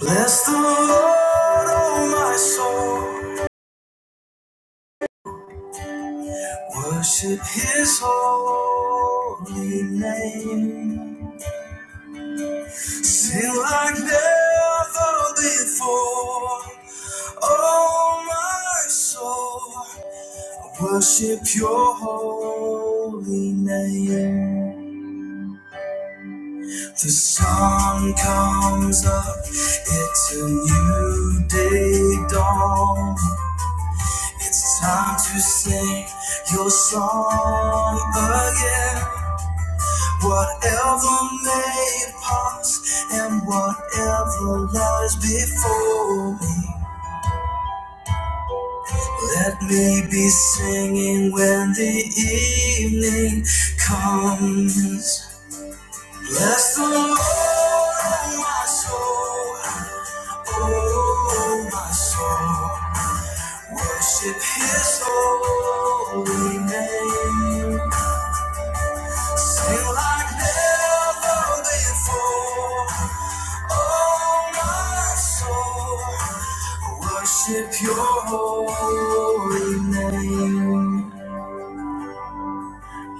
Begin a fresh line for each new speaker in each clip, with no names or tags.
Bless the Lord, oh my soul. Worship his holy name. Sing like never before. Oh my soul. Worship your holy name. The sun comes up, it's a new day dawn. It's time to sing your song again. Whatever may pass and whatever lies before me, let me be singing when the evening comes. Bless the Lord, oh my soul, oh my soul. Worship His holy name. Feel like never before. Oh, my soul, worship your holy name.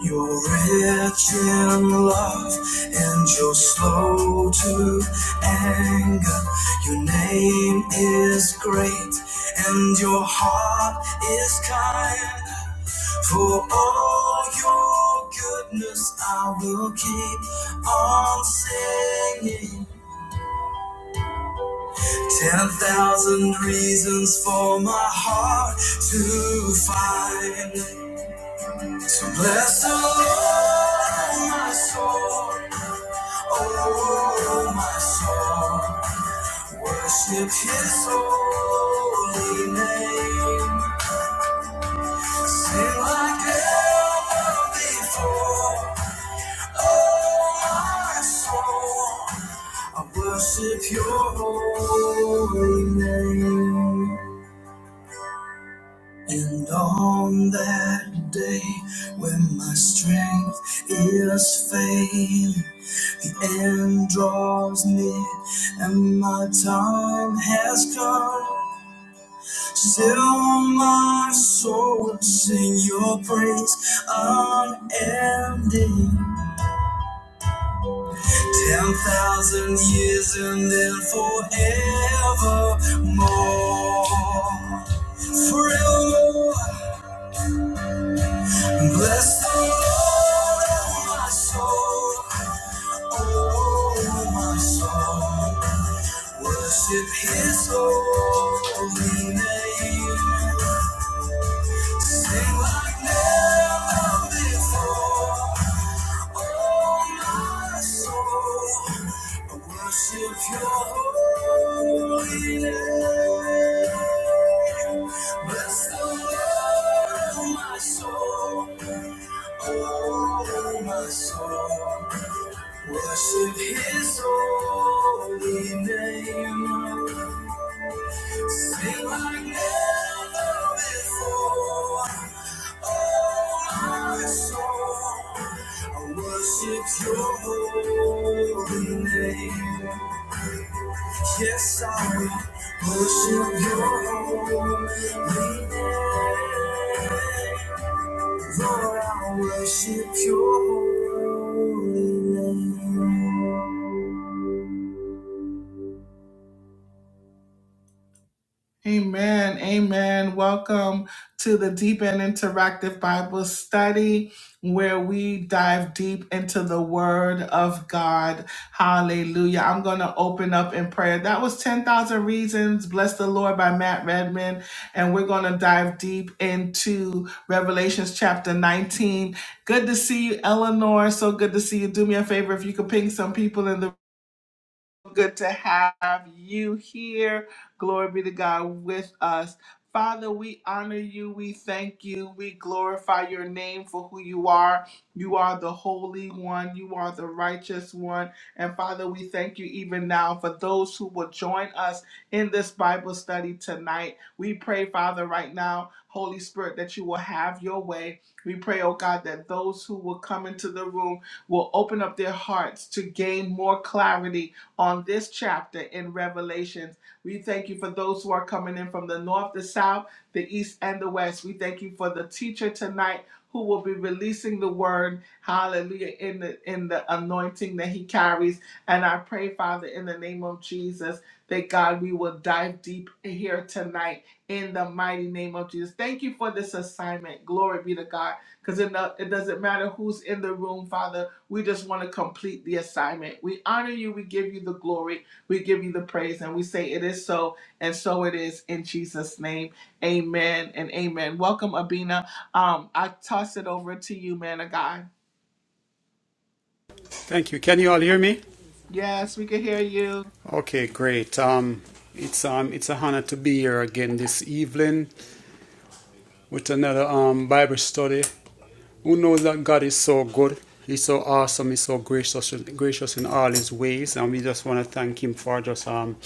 You're rich in love and you're slow to anger. Your name is great and your heart is kind. For all your goodness, I will keep on singing. Ten thousand reasons for my heart to find. So bless the Lord, my soul. Oh, my soul. Worship His holy name. Sing like ever before. My soul, I worship your holy name. And on that day when my strength is failing, the end draws near and my time has come. Still, my soul will sing your praise unending. Ten thousand years and then forevermore. Forevermore. Bless the Lord, oh my soul. Oh my soul. Worship his holy name. Worship his holy name. They were never before. Oh, my soul, I worship your holy name. Yes, I worship your holy name. Lord, I worship your holy name. Amen. Amen. Welcome to the Deep and Interactive Bible Study, where we dive deep into the Word of God. Hallelujah. I'm going to open up in prayer. That was 10,000 Reasons, Bless the Lord by Matt Redman. And we're going to dive deep into Revelations chapter 19. Good to see you, Eleanor. So good to see you. Do me a favor if you could ping some people in the good to have you here. Glory be to God with us. Father, we honor you. We thank you. We glorify your name for who you are. You are the Holy One. You are the Righteous One. And Father, we thank you even now for those who will join us in this Bible study tonight. We pray, Father, right now, Holy Spirit, that you will have your way. We pray, oh God, that those who will come into the room will open up their hearts to gain more clarity on this chapter in Revelations. We thank you for those who are coming in from the north, the south, the east, and the west. We thank you for the teacher tonight who will be releasing the word, hallelujah, in the in the anointing that he carries. And I pray, Father, in the name of Jesus, that God, we will dive deep here tonight in the mighty name of Jesus. Thank you for this assignment. Glory be to God. Because it, no- it doesn't matter who's in the room, Father. We just want to complete the assignment. We honor you. We give you the glory. We give you the praise. And we say it is so, and so it is in Jesus' name. Amen and amen. Welcome, Abina. Um, I toss it over to you, man of God.
Thank you. Can you all hear me?
Yes, we can hear you.
Okay, great. Um, it's um, it's a honor to be here again this evening with another um Bible study. Who knows that God is so good? He's so awesome. He's so gracious, gracious in all His ways, and we just want to thank Him for just um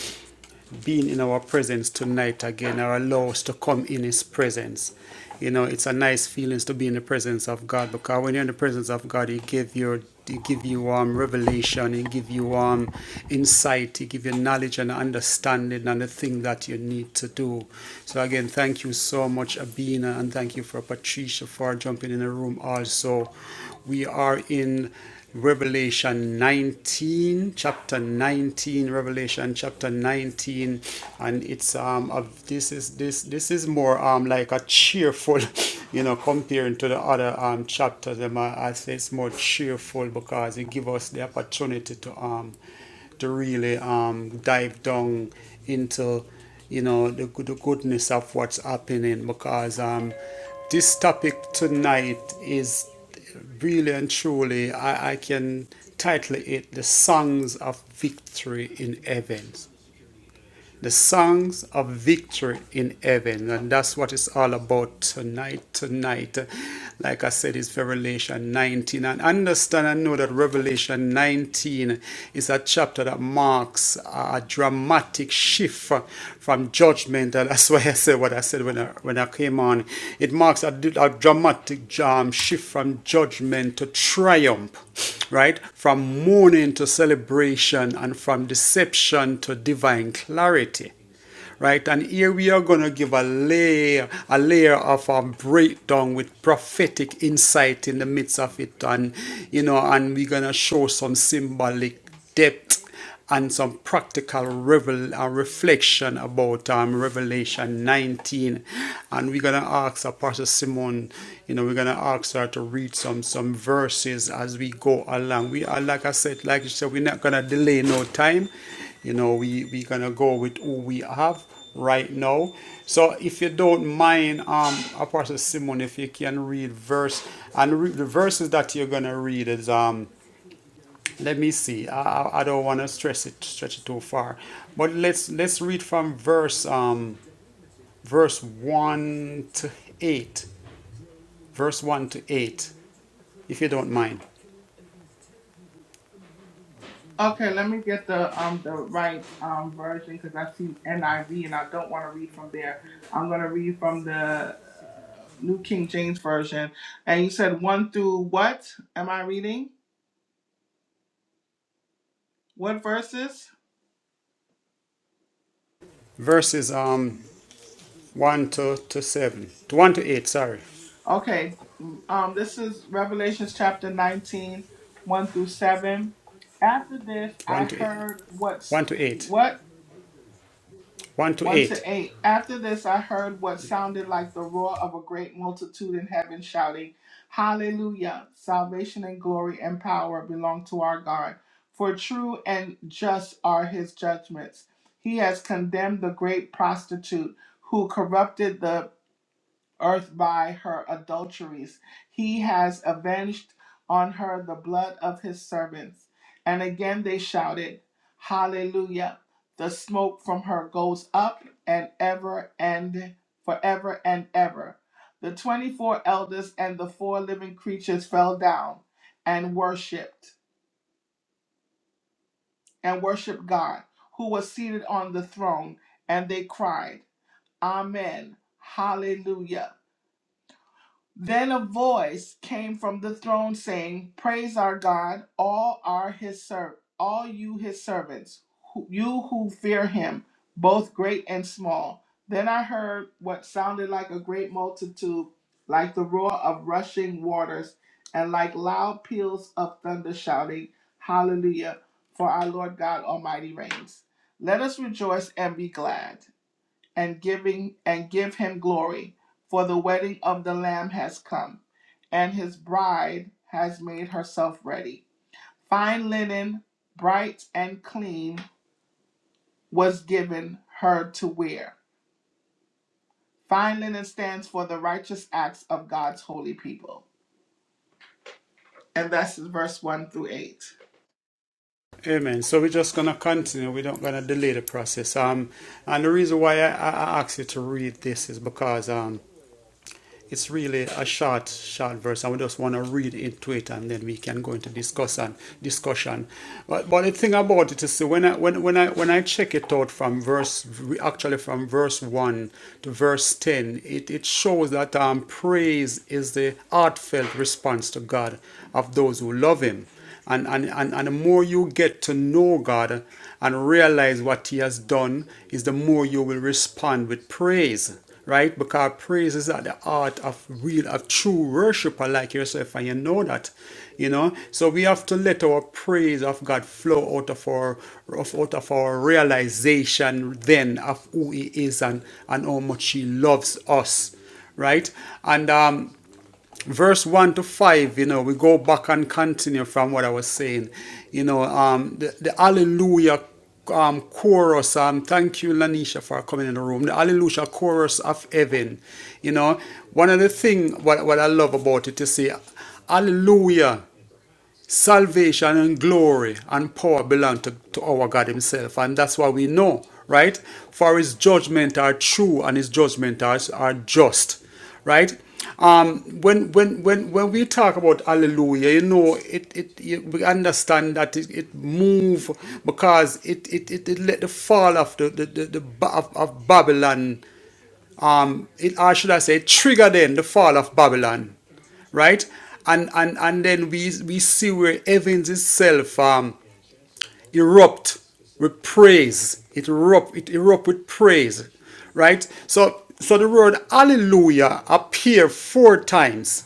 being in our presence tonight again are allowed to come in his presence. You know, it's a nice feeling to be in the presence of God because when you're in the presence of God, he give you he give you um revelation, he give you um insight, he give you knowledge and understanding and the thing that you need to do. So again, thank you so much, Abina, and thank you for Patricia for jumping in the room also. We are in Revelation 19, chapter 19, Revelation chapter 19, and it's um of this is this this is more um like a cheerful, you know, comparing to the other um chapters. Um, I say it's more cheerful because it gives us the opportunity to um to really um dive down into you know the, good- the goodness of what's happening because um this topic tonight is really and truly, I, I can title it The Songs of Victory in Heaven the songs of victory in heaven. And that's what it's all about tonight. Tonight, like I said, it's Revelation 19. And understand and know that Revelation 19 is a chapter that marks a dramatic shift from judgment. And that's why I said what I said when I, when I came on. It marks a a dramatic um, shift from judgment to to triumph, right? From mourning to celebration and from deception to divine clarity right? And here we are going to give a layer, a layer of a breakdown with prophetic insight in the midst of it, and you know, and we're going to show some symbolic depth and some practical revel- uh, reflection about um, Revelation 19. And we're going to ask our Pastor Simon, you know, we're going to ask her to read some some verses as we go along. We are, like I said, like you said, we're not going to delay no time. You know, we, we're going to go with who we have right now. So if you don't mind, um, Apostle Simon, if you can read verse and re- the verses that you're gonna read is um let me see. I, I I don't want to stress it stretch it too far, but let's let's read from verse um verse one to eight, verse one to eight, if you don't mind.
Okay, let me get the um the right um version because I see NIV and I don't want to read from there. I'm gonna read from the uh, New King James version. And you said one through what? Am I reading? What verses?
Verses um one to to seven, to one to eight. Sorry,
Okay, um, this is Revelations chapter nineteen, one through 7. After this, I
one to eight,
heard what's
one to eight,
what
one to
1
eight.
to 8. After this, I heard what sounded like the roar of a great multitude in heaven shouting, Hallelujah! Salvation and glory and power belong to our God, for true and just are his judgments. He has condemned the great prostitute who corrupted the earth by her adulteries. He has avenged on her the blood of his servants. And again they shouted, Hallelujah. The smoke from her goes up and ever and forever and ever. The 24 elders and the four living creatures fell down and worshiped and worshiped God who was seated on the throne and they cried, Amen. Hallelujah. Then a voice came from the throne saying, "Praise our God, all are his ser- all you his servants, who- you who fear him, both great and small." Then I heard what sounded like a great multitude, like the roar of rushing waters, and like loud peals of thunder shouting, "Hallelujah, for our Lord God Almighty reigns. Let us rejoice and be glad." and giving and give him glory for the wedding of the lamb has come and his bride has made herself ready fine linen bright and clean was given her to wear fine linen stands for the righteous acts of god's holy people and that's verse 1 through 8
Amen. So we're just gonna continue. We're not gonna delay the process. Um, and the reason why I, I asked you to read this is because um it's really a short, short verse, and we just want to read into it, and then we can go into discussion. Discussion. But, but the thing about it is, so when I when when I when I check it out from verse, actually from verse one to verse ten, it, it shows that um, praise is the heartfelt response to God of those who love Him. And, and, and, and the more you get to know God and realize what He has done, is the more you will respond with praise, right? Because praise is at the heart of real, of true worshiper like yourself, and you know that, you know. So we have to let our praise of God flow out of our of, out of our realization then of who He is and and how much He loves us, right? And um verse 1 to 5 you know we go back and continue from what i was saying you know um the, the hallelujah um chorus um thank you lanisha for coming in the room the hallelujah chorus of heaven you know one of the thing what, what i love about it to see hallelujah salvation and glory and power belong to, to our God Himself. And that's why we know, right? For His judgment are true and His judgment are, are just, right? Um, when, when, when, when we talk about hallelujah, you know, it, it, you- we understand that it, it move because it, it, it, it let the fall of the, the, the, the Ba- of, of Babylon it, or should I say, trigger then the fall of Babylon, right? And and and then we we see where heavens itself um, erupt with praise. It erupt it erupt with praise, right? So so the word Hallelujah appear four times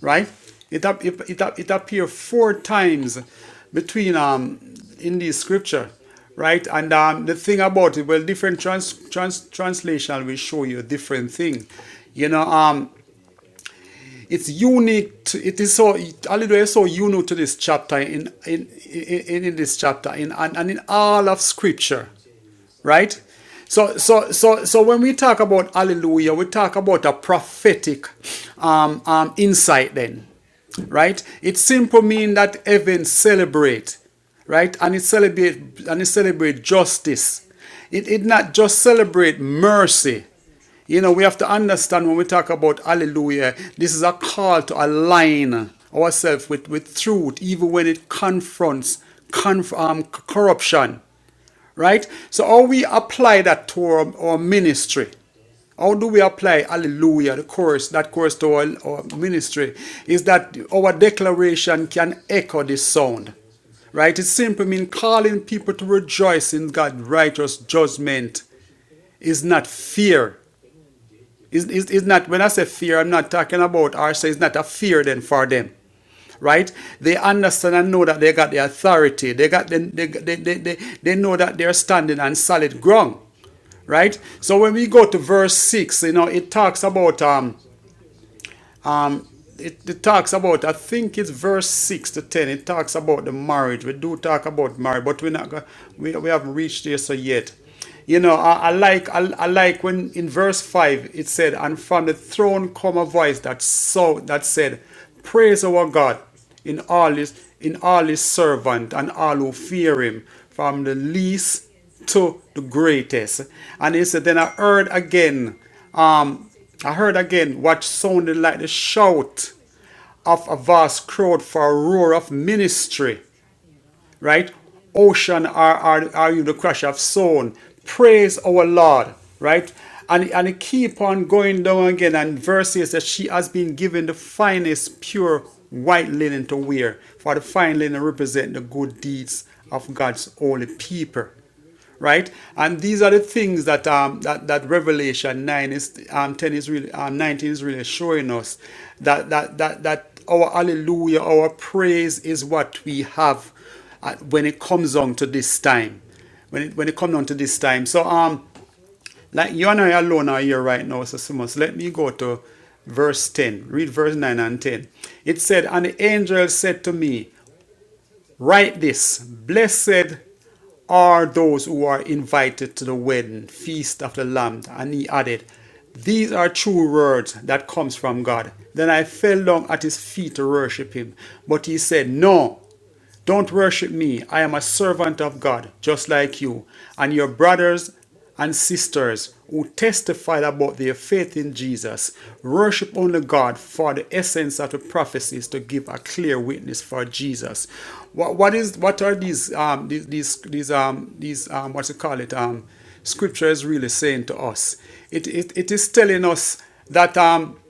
right? It up, it, it, it appears four times between um in the scripture, right? And um, the thing about it, well, different trans, trans translation will show you a different thing. You know, um, it's unique. To, it is so Hallelujah is so unique to this chapter in in in, in this chapter in and, and in all of scripture right? So, so, so, so when we talk about hallelujah, we talk about a prophetic um, um, insight then, right? It simply means that heaven celebrate, right? And it celebrate and it celebrate justice. It, it not just celebrate mercy. You know, we have to understand when we talk about hallelujah, this is a call to align ourselves with, with truth, even when it confronts conf- um, corruption Right? So how we apply that to our, our ministry. How do we apply hallelujah, the chorus, that chorus to our, our ministry? Is that our declaration can echo this sound. Right? It simply means calling people to rejoice in God's righteous judgment is not fear. Is is is not when I say fear, I'm not talking about or say it's not a fear then for them. Right? They understand and know that they got the authority. They got the, they, they, they, they, they know that they're standing on solid ground. Right? So when we go to verse six, you know, it talks about um it, it talks about I think it's verse six to ten. It talks about the marriage. We do talk about marriage, but we're not we we haven't reached there so yet. You know, I, I like I, I like when in verse five it said, "And from the throne come a voice that so that said, Praise our God in all his in all his servant and all who fear him, from the least to the greatest." And he said, "Then I heard again." I heard again what sounded like the shout of a vast crowd for a roar of ministry, right? Ocean are, are, are you the crash of sound. Praise our Lord, right? And, and it keep on going down again. And verses that she has been given the finest pure white linen to wear. For the fine linen represent the good deeds of God's holy people right? And these are the things that um that, that Revelation nine is um ten is really um nineteen is really showing us that that that that our hallelujah, our praise is what we have uh, when it comes on to this time, when it when it comes on to this time. So um like you and I alone are here right now, so Simmons, let me go to verse 10. Read verse 9 and 10. It said, And the angel said to me, Write this Blessed are those who are invited to the wedding feast of the Lamb. And he added, These are true words that comes from God. Then I fell down at his feet to worship him. But he said, No, don't worship me. I am a servant of God, just like you. And your brothers and sisters who testified about their faith in Jesus. Worship only God for the essence of the prophecies to give a clear witness for Jesus. What what is what are these um these these, these um these um what you call it um scripture is really saying to us? It it, it is telling us that um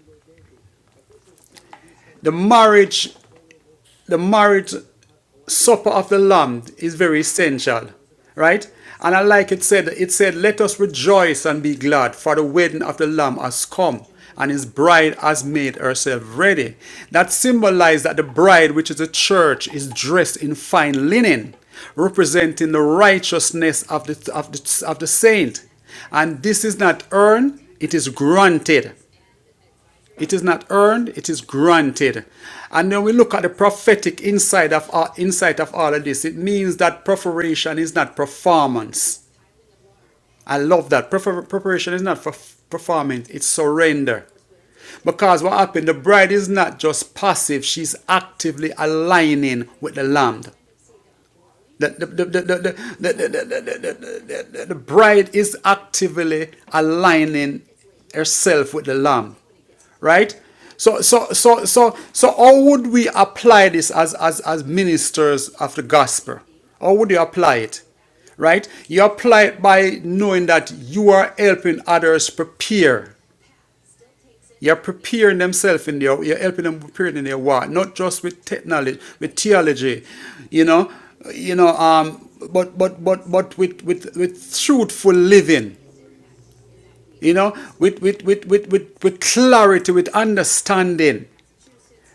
the marriage the marriage supper of the Lamb is very essential, right? And I like it said, it said, let us rejoice and be glad, for the wedding of the Lamb has come, and his bride has made herself ready. That symbolized that the bride, which is the church, is dressed in fine linen, representing the righteousness of the, of the, of the saint. And this is not earned, it is granted. It is not earned, it is granted. And when we look at the prophetic insight of all, insight of all of this, it means that preparation is not performance. I love that. Prefer- preparation is not for performance, it's surrender. Because what happened, the bride is not just passive, she's actively aligning with the lamb. The, the, the, the, the, the, the, the, the, bride is actively aligning herself with the lamb right so so so so so how would we apply this as as as ministers of the gospel how would you apply it right you apply it by knowing that you are helping others prepare you're preparing themselves in their, you're helping them preparing in their walk, not just with technology, with theology, you know, you know, um, but but but but with with with truthful living, you know, with with with with with, with clarity, with understanding.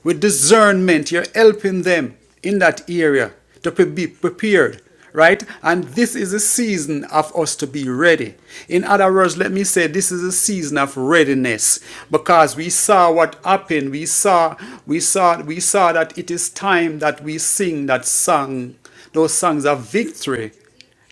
With discernment, you're helping them in that area to pre- be prepared, right? And this is a season of us to be ready. In other words, let me say this is a season of readiness because we saw what happened. We saw, we saw, we saw that it is time that we sing that song, those songs of victory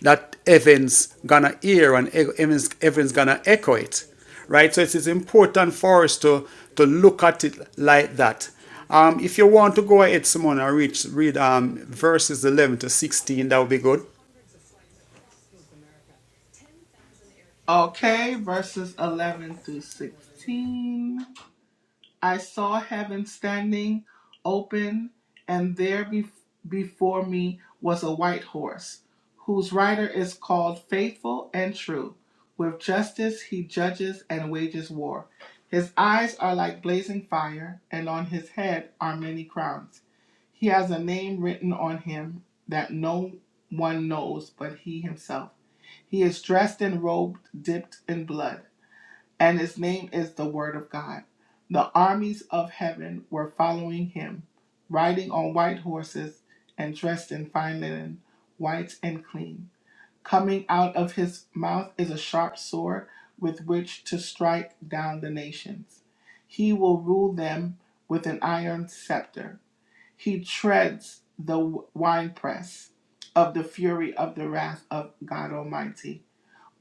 that heaven's gonna hear and he- heaven's, heaven's gonna echo it right so it's, important for us to to look at it like that um, if you want to go ahead Simone, and read read um, verses 11 to 16 that would be good
okay verses 11 through 16 I saw heaven standing open, and there bef- before me was a white horse, whose rider is called Faithful and True. With justice he judges and wages war. His eyes are like blazing fire, and on his head are many crowns. He has a name written on him that no one knows but he himself. He is dressed in robe dipped in blood and his name is the Word of God. The armies of heaven were following him, riding on white horses and dressed in fine linen, white and clean. Coming out of his mouth is a sharp sword with which to strike down the nations. He will rule them with an iron scepter. He treads the winepress of the fury of the wrath of God Almighty.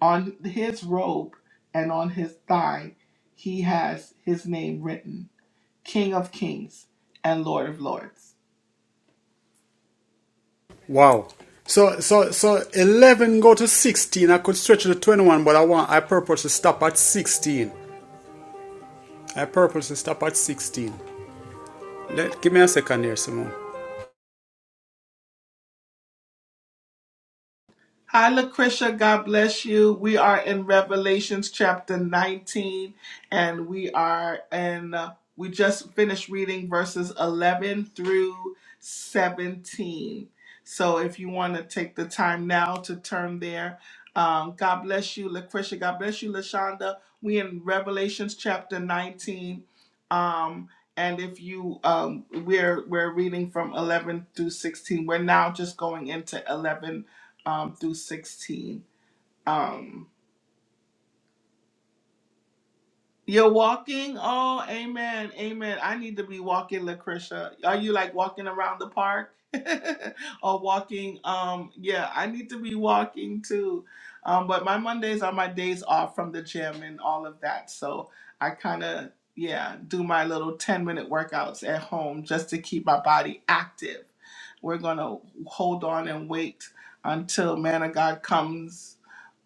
On his robe and on his thigh, he has his name written King of Kings and Lord of Lords.
wow so so so 11 go to 16 i could stretch to 21 but i want i purpose to stop at 16 i purpose to stop at 16 Let, give me a second here Simone.
Hi, Lucretia. God bless you. We are in Revelations chapter 19, and we are in, uh, we just finished reading verses 11 through 17. So if you want to take the time now to turn there, um, God bless you, Lucretia. God bless you, Lashonda. We in Revelations chapter 19. Um, and if you um we're we're reading from 11 through 16 we're now just going into 11 um, through 16. Um, you're walking. Oh, amen. Amen. I need to be walking, Lucretia. Are you like walking around the park? or walking? Um, yeah, I need to be walking too. Um, but my Mondays are my days off from the gym and all of that. So I kind of, yeah, do my little 10 minute workouts at home just to keep my body active. We're going to hold on and wait until man of God comes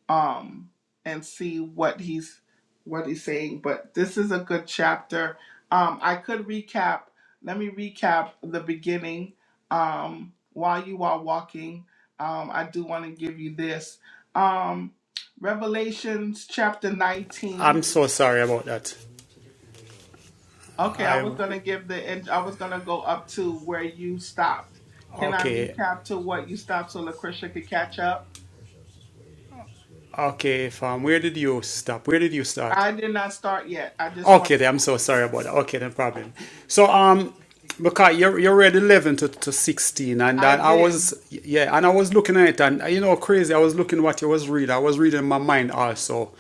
um and see what he's what he's saying but this is a good chapter um i could recap let me recap the beginning um while you are walking um i do want to give you this um revelations chapter
i'm
19
so sorry about that
okay i
i
was going to give the and i was going to go up to where you stopped can i
okay
recap to what you stopped so lucretia could catch up
Okay, fam. Where did you stop? Where did you start?
i did not start yet i just want
Okay, then, I'm so sorry about that. Okay, no problem. So, um, because you are you read eleven to, to sixteen, and,
i
and I
did
was yeah, and I was looking at it, and uh, you know, crazy. I was looking what you was reading. I was reading my mind also,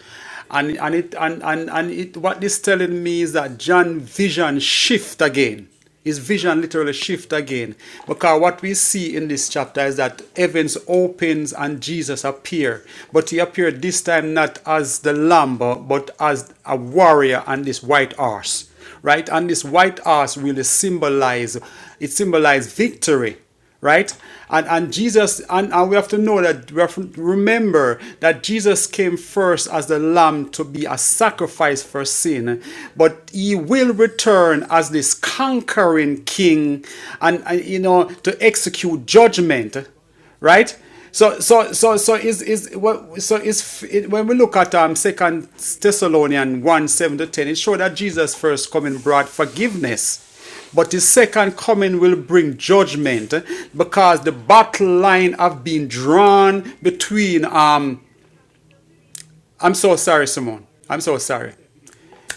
and and it and and and it what this telling me is that John vision shift again. His vision literally shift again. Because what we see in this chapter is that heavens opens and Jesus appear. But he appeared this time not as the lamb, but as a warrior on this white horse. Right? And this white horse really symbolize it symbolized victory right and and jesus and, and we have to know that we have to remember that jesus came first as the lamb to be a sacrifice for sin but he will return as this conquering king and, and you know to execute judgment right so so so so is is what so is it, when we look at um second thessalonians 1 7 to 10 it shows that jesus first coming brought forgiveness but his second coming will bring judgment eh, because the battle line have been drawn between um I'm so sorry, Simone. I'm so sorry.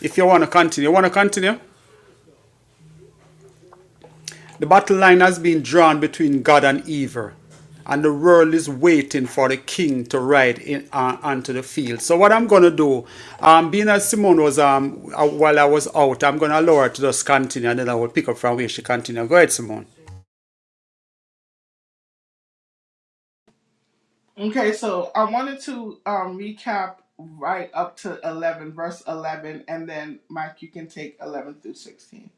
If you want to continue, you want to continue? The battle line has been drawn between God and evil. And the world is waiting for the king to ride in, uh, onto the field. So what I'm gonna do, um, being as Simone was um uh, while I was out, I'm gonna allow her to just continue, and then I will pick up from where she continued. Go ahead, Simone.
Okay, so I wanted to um, recap right up to 11, verse 11, and then Mike, you can take 11 through 16.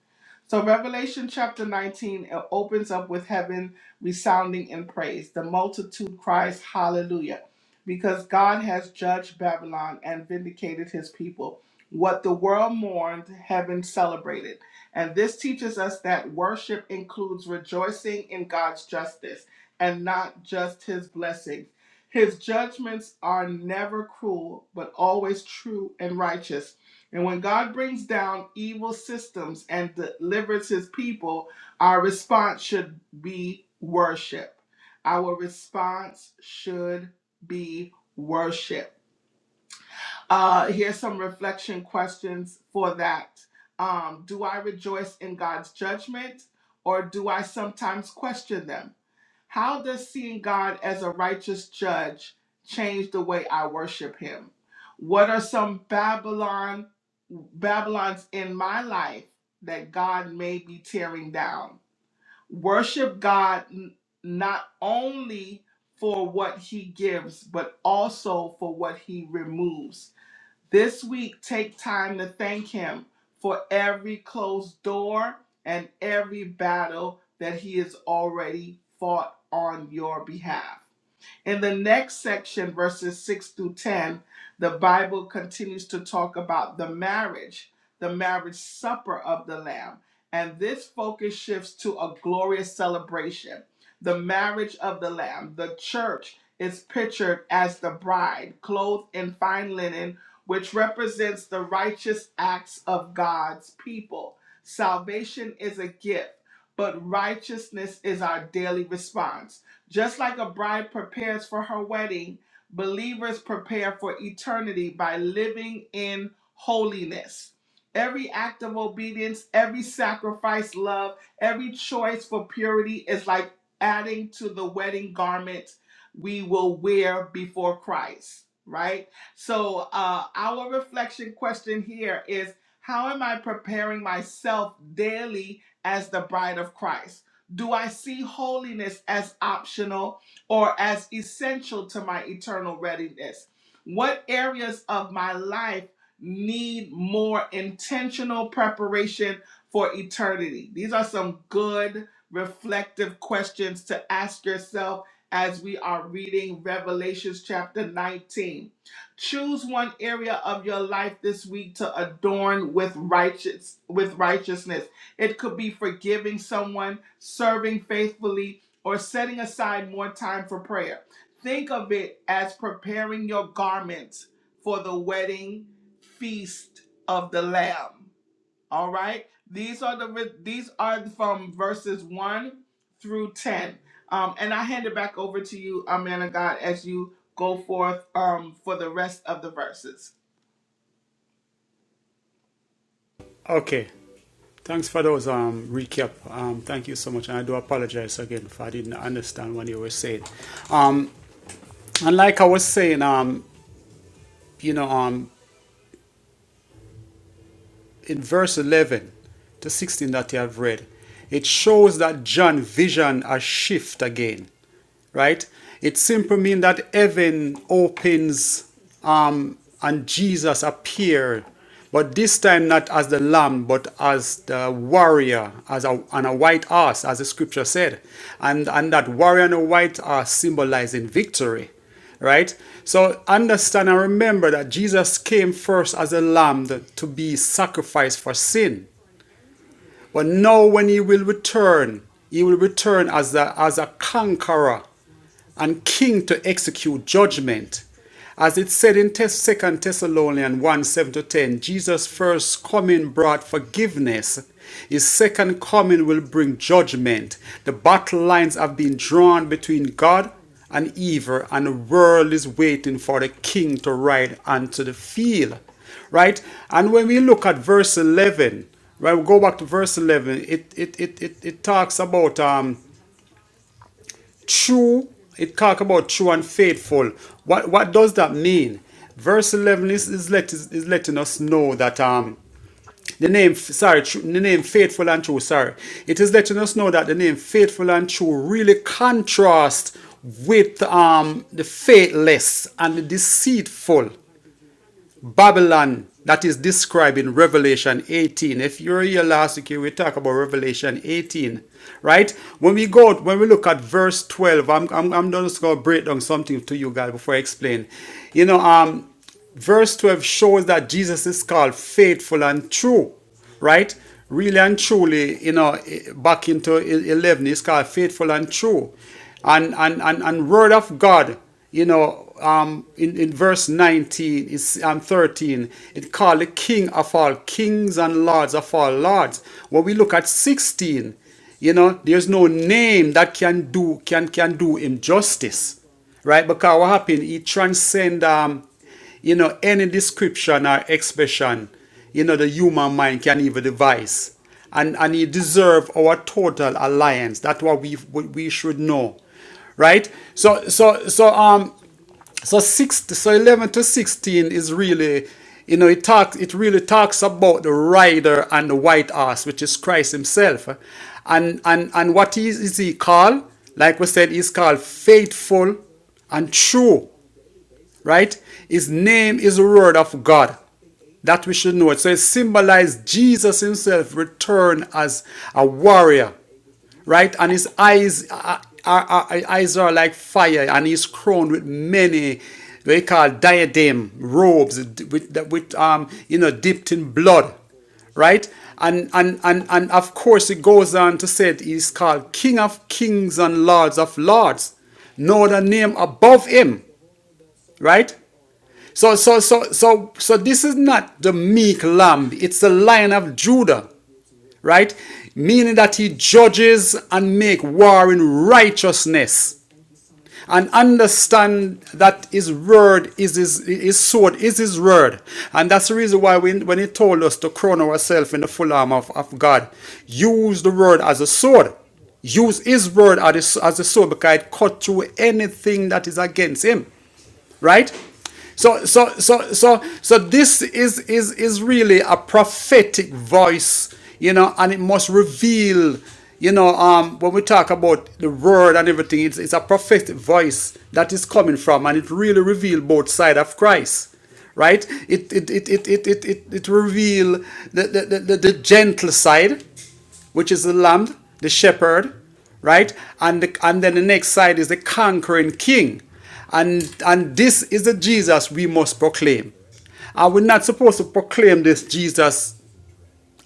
So Revelation chapter 19 it opens up with heaven resounding in praise. The multitude cries hallelujah because God has judged Babylon and vindicated his people. What the world mourned, heaven celebrated. And this teaches us that worship includes rejoicing in God's justice and not just his blessings. His judgments are never cruel, but always true and righteous. And when God brings down evil systems and delivers his people, our response should be worship. Our response should be worship. Uh, here's some reflection questions for that. Um, do I rejoice in God's judgment or do I sometimes question them? How does seeing God as a righteous judge change the way I worship him? What are some Babylon Babylons in my life that God may be tearing down? Worship God n- not only for what he gives, but also for what he removes. This week, take time to thank Him for every closed door and every battle that He has already fought on your behalf. In the next section, verses 6 through 10, the Bible continues to talk about the marriage, the marriage supper of the Lamb. And this focus shifts to a glorious celebration. The marriage of the Lamb, the church, is pictured as the bride, clothed in fine linen, which represents the righteous acts of God's people. Salvation is a gift, but righteousness is our daily response. Just like a bride prepares for her wedding, believers prepare for eternity by living in holiness. Every act of obedience, every sacrifice, love, every choice for purity is like adding to the wedding garment we will wear before Christ, right? So, uh, our reflection question here is How am I preparing myself daily as the bride of Christ? Do I see holiness as optional or as essential to my eternal readiness? What areas of my life need more intentional preparation for eternity? These are some good reflective questions to ask yourself as we are reading Revelations chapter 19. Choose one area of your life this week to adorn with righteous with righteousness it could be forgiving someone, serving faithfully, or setting aside more time for prayer. Think of it as preparing your garments for the wedding feast of the Lamb. All right? These are the these are from verses 1 through 10. Um, and I hand it back over to you, uh, man of God, as you go forth um, for the rest of the verses.
Okay. Thanks for those um, recap. Um, thank you so much, and I do apologize again if I didn't understand what you were saying. And like I was saying, um, you know, um, in verse 11 to 16 that you have read, it shows that John vision a shift again, right? It simply means that heaven opens um, and Jesus appeared, but this time not as the lamb, but as the warrior, as a, on a white horse, as the scripture said. And, and that warrior on a white horse symbolizing victory right? So understand and remember that Jesus came first as a lamb to be sacrificed for sin. But now when he will return, he will return as a, as a conqueror, and king to execute judgment. As it said in Second 2 Thessalonians 1 7 to 10, Jesus' first coming brought forgiveness. His second coming will bring judgment. The battle lines have been drawn between God and evil, and the world is waiting for the king to ride onto the field. Right? And when we look at verse 11, when we go back to verse 11, it, it, it, it, it talks about. Um, true it talk about true and faithful what what does that mean verse 11 is, is, let, is letting us know that um the name sorry true, the name faithful and true sorry it is letting us know that the name faithful and true really contrast with um the faithless and the deceitful Babylon that is described in Revelation 18. If you're here last week, we talk about Revelation 18, right? When we go, when we look at verse 12, I'm, I'm, I'm just going to break down something to you guys before I explain. You know, um, verse 12 shows that Jesus is called faithful and true right? Really and truly, you know, eh, back into e- 11, it's called faithful and true. And, and, and, and word of God, you know, um, in, in verse 19 it's, and um, 13, it called the king of all kings and lords of all lords. When we look at 16, you know, there's no name that can do, can, can do him justice right? Because what happened? He transcend. Um, you know, any description or expression, you know, the human mind can even devise. And, and he deserve our total alliance. That's what we, we we should know. Right? So, so, so, um, so six, so 11 to 16 is really, you know, it talks, it really talks about the rider and the white horse, which is Christ himself. And, and, and what is, is he called? Like we said, he's called faithful and true right? His name is the word of God. That we should know it. So it symbolized Jesus himself returned as a warrior, right? And his eyes are, are, are- eyes are like fire, and he's crowned with many they call diadem robes with, with um you know dipped in blood, right? And, and and and of course it goes on to say that he's called King of Kings and Lords of Lords, no other name above him, right? So, so, so, so, so this is not the meek lamb. It's the lion of Judah, right? Meaning that he judges and make war in righteousness and understand that his word is his, his sword is his word. And that's the reason why we when he told us to crown ourselves in the full armor of, of God, use the word as a sword use his word as a, as a sword because it cut through anything that is against him right? So, so, so, so, so this is is is really a prophetic voice, you know, and it must reveal, you know, um, when we talk about the word and everything, it's it's a prophetic voice that is coming from, and it really reveals both side of Christ, right? It it it it it it it, it reveal the, the the the gentle side, which is the lamb, the shepherd, right? And the, and then the next side is the conquering king. And and this is the Jesus we must proclaim. Are we not supposed to proclaim this Jesus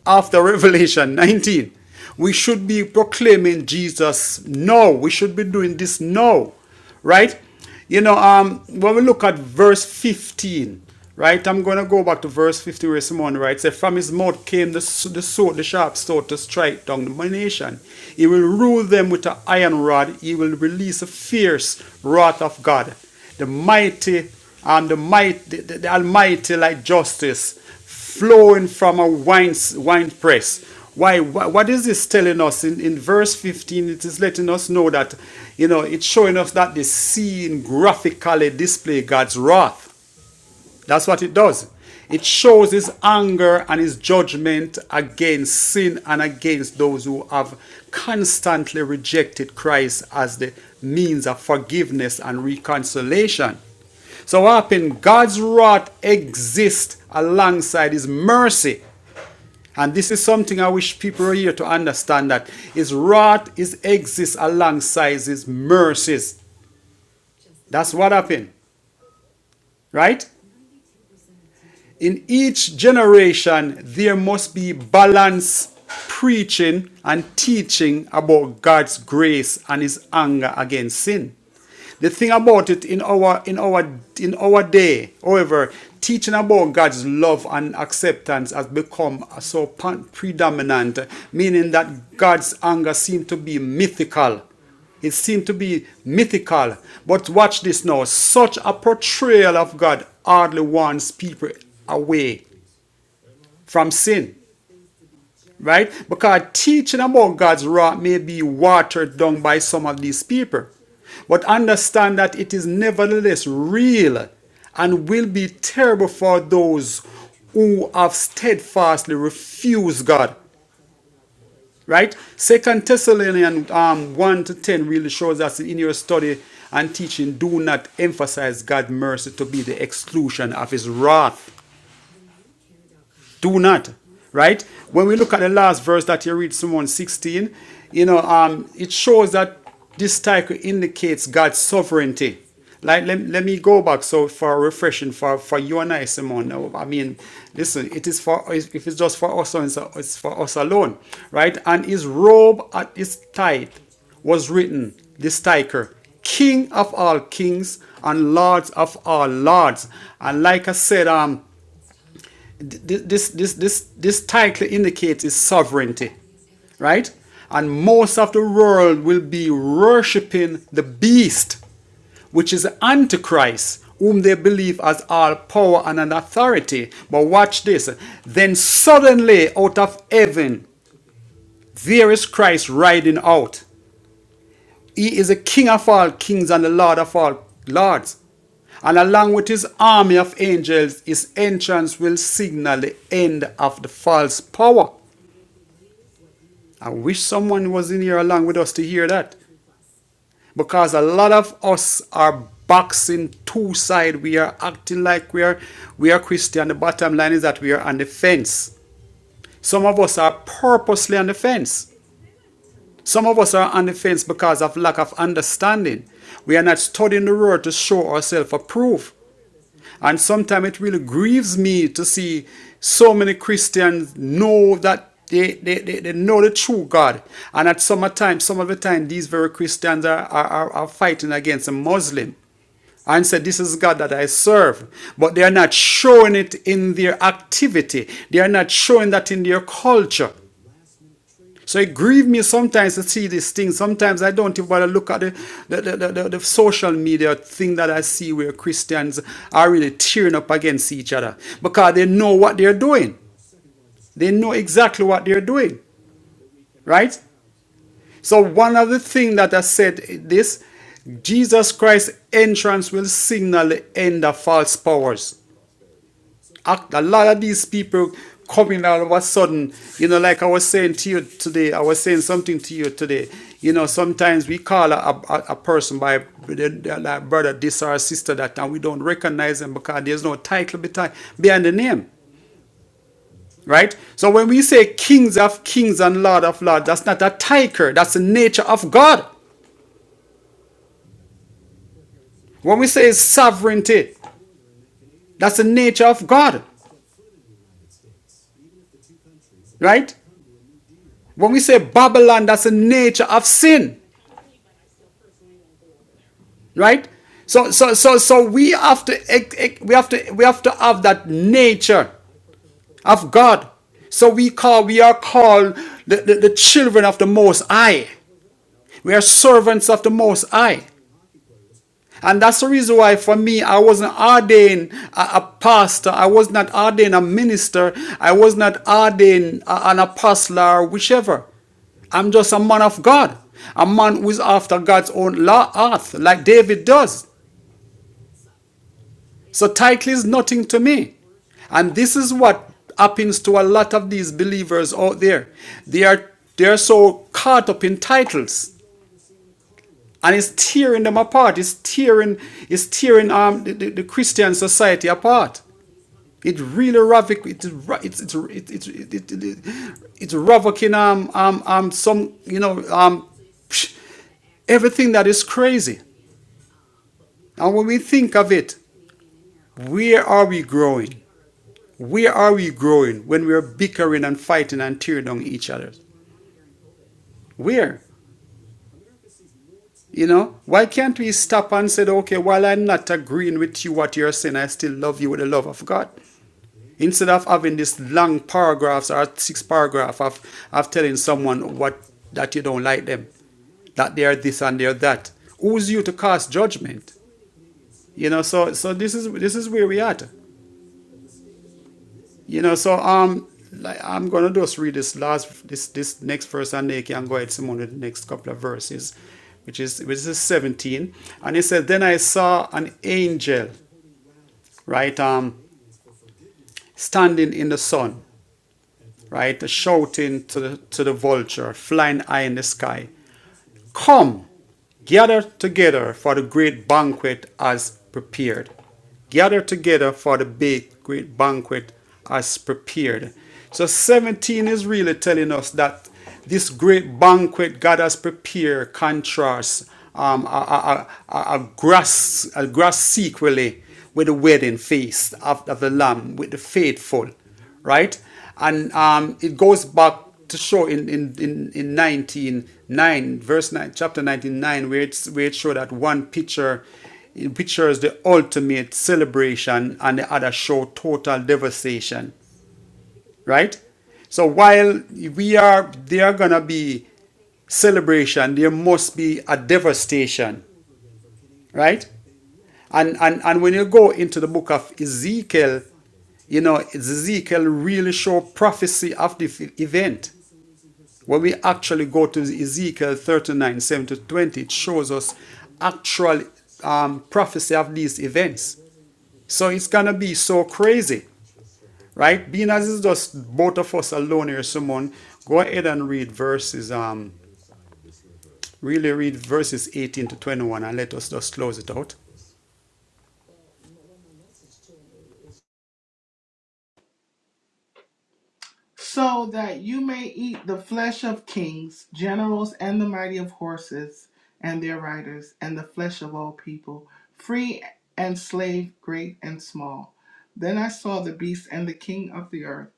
after Revelation 19. We should be proclaiming Jesus now. We should be doing this now, right? You know, um, when we look at verse 15, right? I'm going to go back to verse 50 where Simon writes, "Say, From his mouth came the, the sword, the sharp sword to strike down the nation. He will rule them with an iron rod. He will release the fierce wrath of God. The mighty um, the might, the, the- the Almighty, like justice flowing from a wine, wine press. Why, what is this telling us? In, in verse 15, it is letting us know that, you know, it's showing us that the scene graphically display God's wrath. That's what it does. It shows his anger and his judgment against sin and against those who have constantly rejected Christ as the means of forgiveness and reconciliation. So, what happened? God's wrath exists alongside His mercy. And this is something I wish people here to understand that His wrath is exists alongside His mercies. That's what happened, right? In each generation, there must be balance preaching and teaching about God's grace and his anger against sin. The thing about it in our in our in our day, however, teaching about God's love and acceptance has become so predominant, meaning that God's anger seems to be mythical it seemed to be mythical. But watch this now. Such a portrayal of God hardly warns people away from sin, right? Because teaching about God's wrath may be watered down by some of these people. But understand that it is nevertheless real and will be terrible for those who have steadfastly refused God. right? Second Thessalonians um, 1 to 10 really shows us in your study and teaching, do not emphasize God's mercy to be the exclusion of his wrath. Do not. Right? When we look at the last verse that you read, Psalm one 16, you know, um, it shows that this title indicates God's sovereignty. Like, let, let me go back so for refreshing for, for you and I, Simone. Now, I mean, listen, it is for if it's just for us, it's it's for us alone, right? And his robe at his tithe was written this title King of all kings and Lords of all lords. And like I said, um, th- this this this this title indicates his sovereignty, right? And most of the world will be worshiping the beast, which is the Antichrist, whom they believe has all power and an authority. But watch this. Then suddenly out of heaven there is Christ riding out. He is a king of all kings and the lord of all lords. And along with his army of angels, his entrance will signal the end of the false power. I wish someone was in here along with us to hear that. Because a lot of us are boxing two sides. We are acting like we are we are Christian. The bottom line is that we are on the fence. Some of us are purposely on the fence. Some of us are on the fence because of lack of understanding. We are not studying the word to show ourselves approved. And sometimes it really grieves me to see so many Christians know that they, they, they, they know the true God. And at some time, some of the time, these very Christians are, are, are are fighting against a Muslim and said, This is God that I serve. But they are not showing it in their activity. They are not showing that in their culture. So it grieves me sometimes to see these things. Sometimes I don't even want to look at the, the, the, the, the- the social media thing that I see where Christians are really tearing up against each other because they know what they're doing. They know exactly what they're doing, right? So one of the things that I said this, Jesus Christ's entrance will signal the end of false powers. act, a lot of these people coming all of a sudden, you know, like I was saying to you today, I was saying something to you today. You know, sometimes we call a, a, a person by their- their- like brother this or sister that, and we don't recognize them because there's no title behind the name, right? So when we say kings of kings and lord of lords, that's not a title, that's the nature of God. When we say sovereignty, that's the nature of God, right? When we say Babylon, that's the nature of sin. right so so so so we have to we have to we have to have that nature of god so we call we are called the, the, the children of the most high we are servants of the most high and that's the reason why for me i wasn't ordained a, a pastor i was not ordained a minister i was not ordained a- an apostle or whichever I'm just a man of God, a man who's after God's own law, earth, like David does. So title is nothing to me. And this is what happens to a lot of these believers out there. They are they are so caught up in titles. And it's tearing them apart. It's tearing, it's tearing um, the, the, the Christian society apart. It really ravic, it, it's ra- it's it's it, it, it, it, it's ravaging um um um some you know um psh, everything that is crazy. And when we think of it, where are we growing? Where are we growing when we are bickering and fighting and tearing down each other? Where? You know, why can't we stop and say, okay, while I'm not agreeing with you what you're saying, I still love you with the love of God. Instead of having these long paragraphs or six paragraphs of, of telling someone what that you don't like them, that they are this and they are that. Who's you to cast judgment? You know, so so this is this is where we are at. You know, so um, like I'm gonna just read this last this this next verse, and they can go ahead Simon with the next couple of verses, which is which is 17, and it says, "Then I saw an angel, right, um, standing in the sun, right, shouting to the to the vulture flying high in the sky." Come, gather together for the great banquet as prepared. Gather together for the big great banquet as prepared. So 17 is really telling us that this great banquet God has prepared contrasts um, a, a, a, a- grass a grass sequely with the wedding feast of, of the Lamb with the faithful right? And um, it goes back to show in in in, in 19 9 verse 9 chapter nineteen nine where it's where it showed that one picture it pictures the ultimate celebration and the other show total devastation right so while we are there gonna be celebration there must be a devastation right and, and, and when you go into the book of Ezekiel, you know, Ezekiel really show prophecy of the event. When we actually go to Ezekiel 39, 7 to 20, it shows us actual um, prophecy of these events. So it's going to be so crazy, right? Being as it's just both of us alone here, someone, go ahead and read verses, um, really read verses 18 to 21 and let us just close it out.
so that you may eat the flesh of kings, generals, and the mighty of horses and their riders, and the flesh of all people, free and slave, great and small. Then I saw the beast and the king of the earth,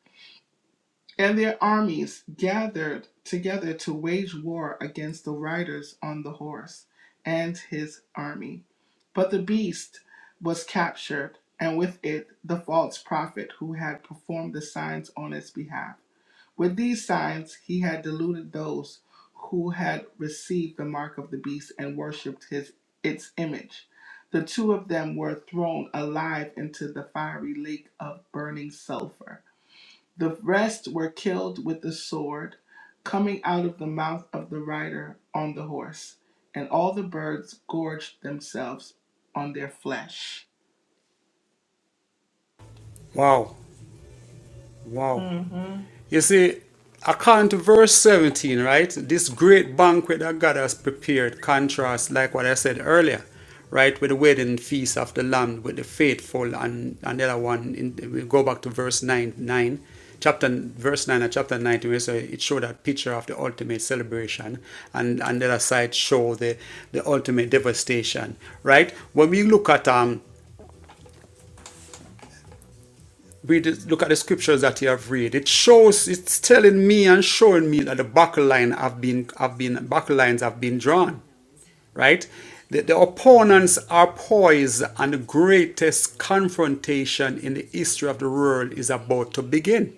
and their armies gathered together to wage war against the riders on the horse and his army. But the beast was captured, and with it the false prophet who had performed the signs on its behalf with these signs, he had deluded those who had received the mark of the beast and worshipped his its image. The two of them were thrown alive into the fiery lake of burning sulfur. The rest were killed with the sword coming out of the mouth of the rider on the horse, and all the birds gorged themselves on their flesh.
Wow, wow. You see, according to verse 17, right? This great banquet that God has prepared contrasts, like what I said earlier, right, with the wedding feast of the Lamb, with the faithful, and another one. In, we go back to verse 9, 9 chapter verse 9 and chapter 19 where so it showed that picture of the ultimate celebration and and the other side show the the ultimate devastation right when we look at um we look at the scriptures that you have read. It shows, it's telling me and showing me that the battle line have been, have been, battle lines have been drawn, right? The, the opponents are poised, and the greatest confrontation in the history of the world is about to begin.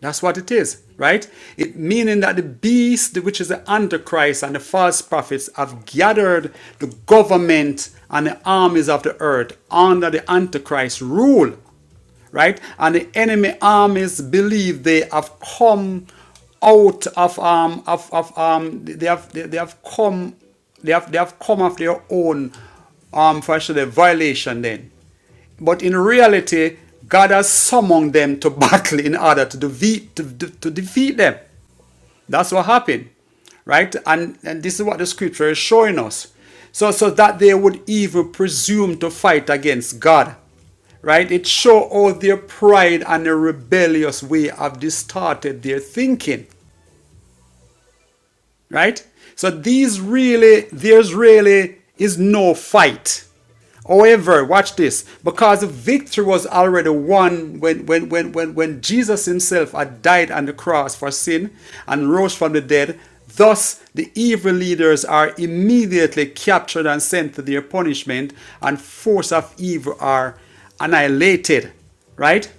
That's what it is, right? It meaning that the beast, which is the Antichrist and the false prophets, have gathered the government and the armies of the earth under the Antichrist rule, right? And the enemy armies believe they have come out of um of, of um they have they, they have come they have they have come of their own um for actually violation then but in reality, God has summoned them to battle in order to defeat, to, to- defeat them. That's what happened, right? And, and this is what the scripture is showing us. So, so that they would even presume to fight against God, right? It show all their pride and their rebellious way have distorted their thinking right? So these really, there's really is no fight. However, watch this, because the victory was already won when, when, when, when, when Jesus himself had died on the cross for sin and rose from the dead. Thus, the evil leaders are immediately captured and sent to their punishment, and force of evil are annihilated, right?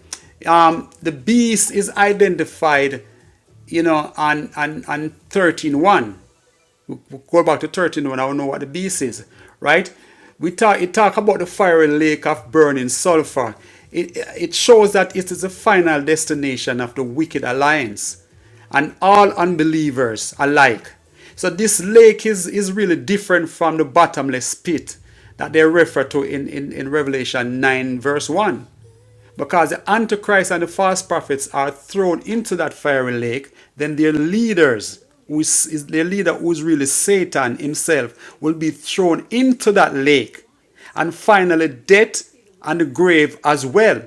Um, the beast is identified you know, and and and thirteen one, We- we Go back to thirteen one. I don't know what the beast is, right? We talk it talk about the fiery lake of burning sulfur. It it shows that it is the final destination of the wicked alliance and all unbelievers alike. So this lake is, is really different from the bottomless pit that they refer to in, in, in Revelation 9, verse 1 because the Antichrist and the false prophets are thrown into that fiery lake, then their leaders, who is, is their leader who is really Satan himself, will be thrown into that lake. And finally, death and the grave as well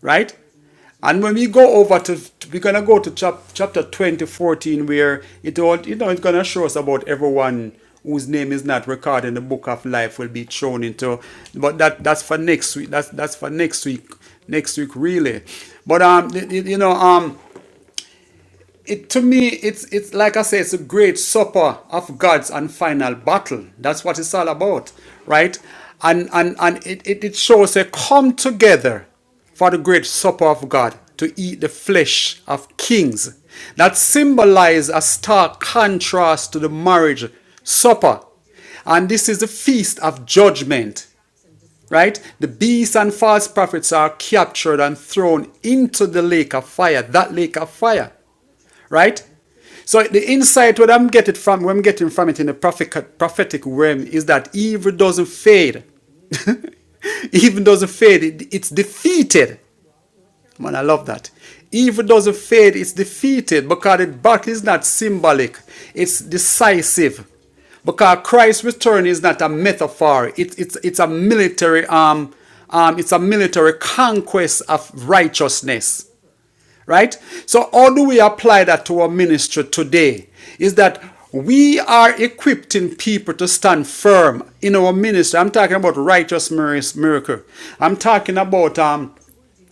right? And when we go over to, to- we're gonna go to chap, chapter 20 14 where it all, you know, it's gonna show us about everyone whose name is not recorded in the book of life will be thrown into. But that that's for next week. That's that's for next week. Next week, really. But um, you know, um, it to me it's it's like i say it's a great supper of gods and final battle that's what it's all about right and and and it, it, it shows they come together for the great supper of god to eat the flesh of kings that symbolizes a stark contrast to the marriage supper and this is the feast of judgment right? The beasts and false prophets are captured and thrown into the lake of fire, that lake of fire right? So the insight what I'm getting from what I'm getting from it in the prophetic prophetic realm is that evil doesn't fade. evil doesn't fade. It- it's defeated. Man, I love that. Evil doesn't fade. It's defeated because the battle is not symbolic. It's decisive. Because Christ's return is not a metaphor. It, it's it's a military um um it's a military conquest of righteousness right? So, how do we apply that to our ministry today? Is that we are equipping people to stand firm in our ministry. I'm talking about righteous miracle. I'm talking about um,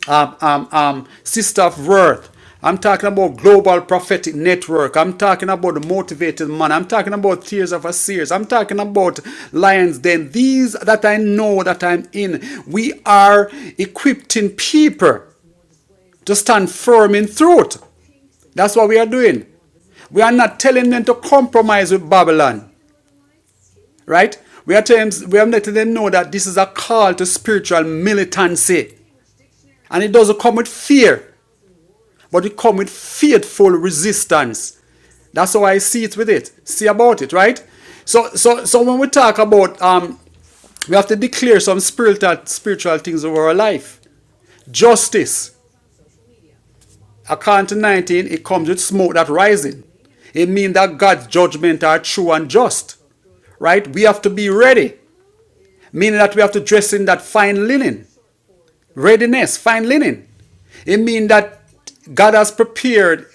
um, um, um, Sister of Worth. I'm talking about Global Prophetic Network. I'm talking about the Motivated Man. I'm talking about Tears of a Seers. I'm talking about Lions Den. These that I know that I'm in. We are equipping people to stand firm in truth. That's what we are doing. We are not telling them to compromise with Babylon, right? We are telling them, we are letting them know that this is a call to spiritual militancy, and it doesn't come with fear, but it comes with faithful resistance. That's how I see it with it. See about it, right? So, so, so when we talk about, um, we have to declare some spiritual spiritual things over our life. Justice, According to 19, it comes with smoke that rising. It means that God's judgment are true and just. Right? We have to be ready, meaning that we have to dress in that fine linen. Readiness, fine linen. It means that God has prepared,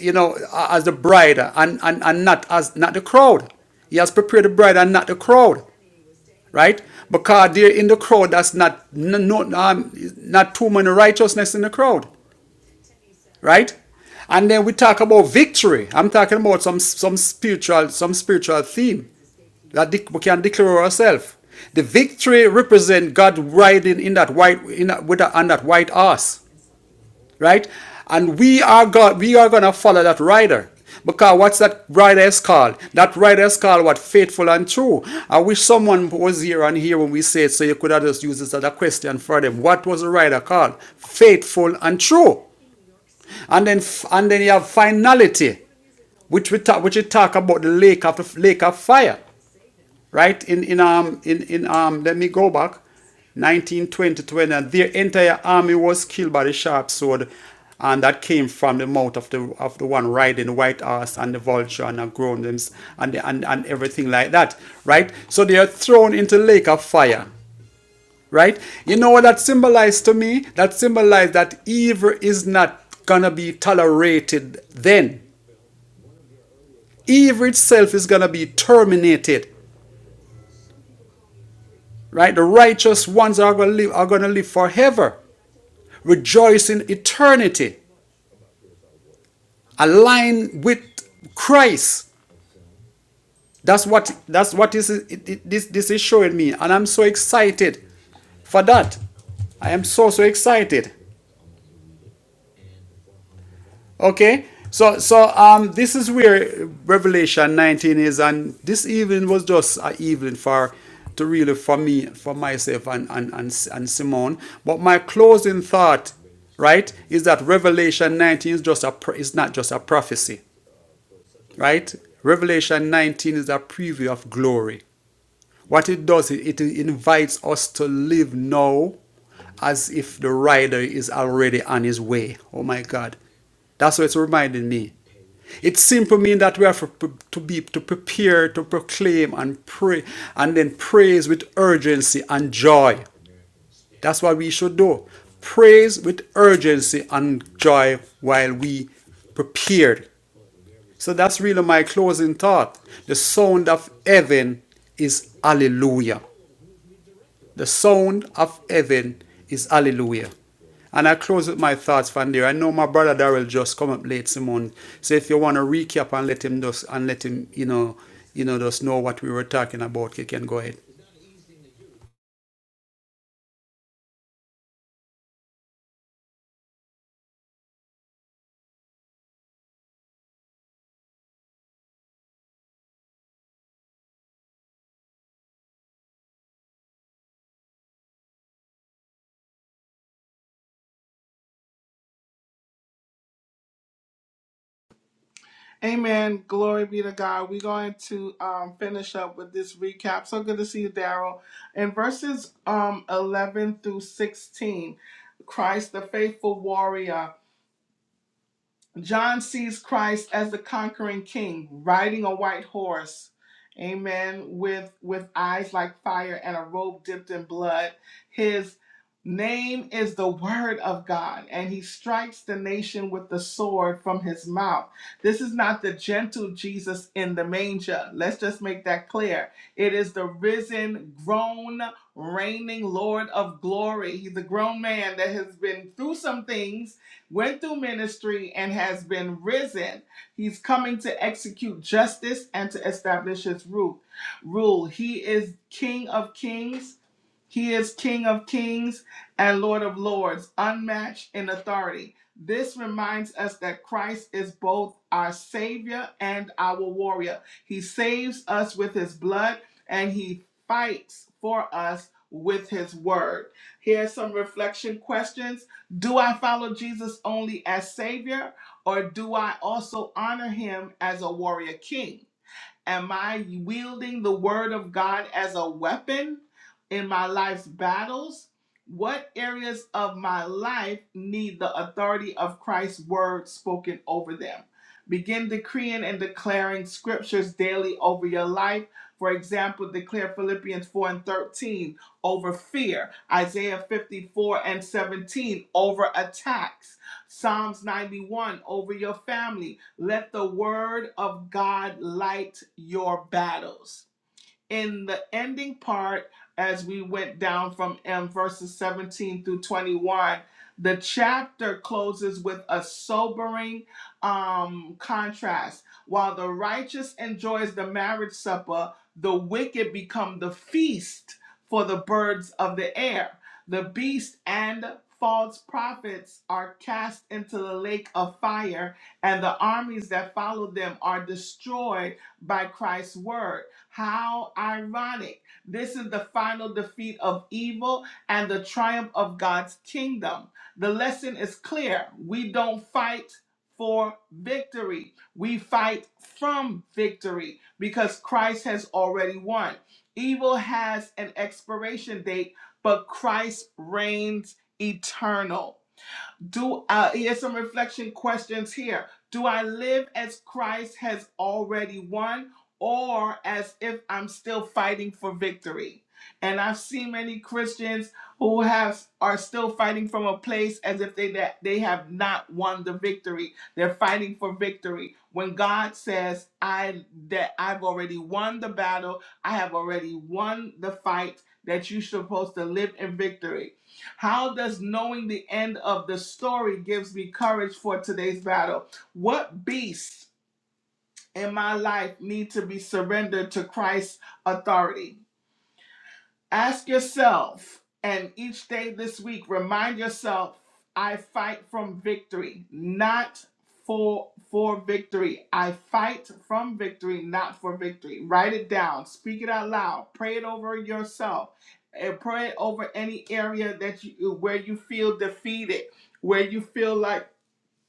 you know, as the bride and, and, and not as not the crowd. He has prepared the bride and not the crowd, right? Because they're in the crowd, that's not no, no um, not too many righteousness in the crowd right? And then we talk about victory. I'm talking about some some spiritual some spiritual theme that we can declare ourselves. The victory represent God riding in that white in that, with that, on that white horse, right? And we are God. We are gonna follow that rider because what's that rider is called? That rider is called what? Faithful and true. I wish someone was here and here when we say it, so you could have just used this as a question for them. What was the rider called? Faithful and true. And then, and then you have finality, which we talk, which we talk about the lake of the lake of fire, right? In in um in in um let me go back, 1920 to when uh, their entire army was killed by the sharp sword, and that came from the mouth of the of the one riding the white horse and the vulture and the groanings and the, and and everything like that, right? So they are thrown into the lake of fire right? You know what that symbolized to me? That symbolized that evil is not going to be tolerated then. Evil itself is going to be terminated, right? The righteous ones are going to live, are going to live forever, rejoice in eternity, align with Christ. That's what that's what this is, it- it- this this is showing me, and I'm so excited for that. I am so so excited. Okay. So so um this is where Revelation 19 is and this evening was just an evening for to really for me for myself and and and, and Simone. But my closing thought, right, is that Revelation 19 is just a is not just a prophecy, right? Revelation 19 is a preview of glory. What it does, it, invites us to live now as if the rider is already on his way. Oh my God. That's what it's reminding me. It simply means that we have to to be to prepare, to proclaim and pray, and then praise with urgency and joy. That's what we should do. Praise with urgency and joy while we prepared. So that's really my closing thought. The sound of heaven is hallelujah. The sound of heaven is hallelujah. And I close with my thoughts from there. I know my brother Daryl just come up late, Simon. So if you want to recap and let him just and let him, you know, you know, just know what we were talking about, you can go ahead.
Amen. Glory be to God. We're going to um, finish up with this recap. So good to see you, Daryl. In verses um, 11 through 16, Christ, the faithful warrior. John sees Christ as the conquering king, riding a white horse, amen, with with eyes like fire and a robe dipped in blood. His name is the word of God, and he strikes the nation with the sword from his mouth. This is not the gentle Jesus in the manger. Let's just make that clear. It is the risen, grown, reigning Lord of glory. He's a grown man that has been through some things went through ministry, and has been risen. He's coming to execute justice and to establish his rule. Rule. He is King of Kings he is King of kings and Lord of lords, unmatched in authority. This reminds us that Christ is both our Savior and our warrior. He saves us with His blood and He fights for us with His word. Here are some reflection questions Do I follow Jesus only as Savior, or do I also honor Him as a warrior king? Am I wielding the word of God as a weapon in my life's battles? What areas of my life need the authority of Christ's word spoken over them? Begin decreeing and declaring scriptures daily over your life. For example, declare Philippians 4 and 13 over fear, Isaiah 54 and 17 over attacks, Psalms 91 over your family, let the word of God light your battles in the ending part, as we went down from M verses 17 through 21, the chapter closes with a sobering um, contrast. While the righteous enjoys the marriage supper, the wicked become the feast for the birds of the air. The beast and false prophets are cast into the lake of fire, and the armies that follow them are destroyed by Christ's word. How ironic. This is the final defeat of evil and the triumph of God's kingdom. The lesson is clear. We don't fight for victory, we fight from victory because Christ has already won. Evil has an expiration date, but Christ reigns eternal. Do uh, here's some reflection questions here. Do I live as Christ has already won, or as if I'm still fighting for victory? And I've seen many Christians who have are still fighting from a place as if they that they have not won the victory. They're fighting for victory when God says, "I that I've already won the battle. I have already won the fight. That you're supposed to live in victory." How does knowing the end of the story gives me courage for today's battle? What beasts in my life need to be surrendered to Christ's authority? Ask yourself, and each day this week, remind yourself, I fight from victory, not for for victory. I fight from victory, not for victory. Write it down, speak it out loud, pray it over yourself, and pray it over any area that you where you feel defeated, where you feel like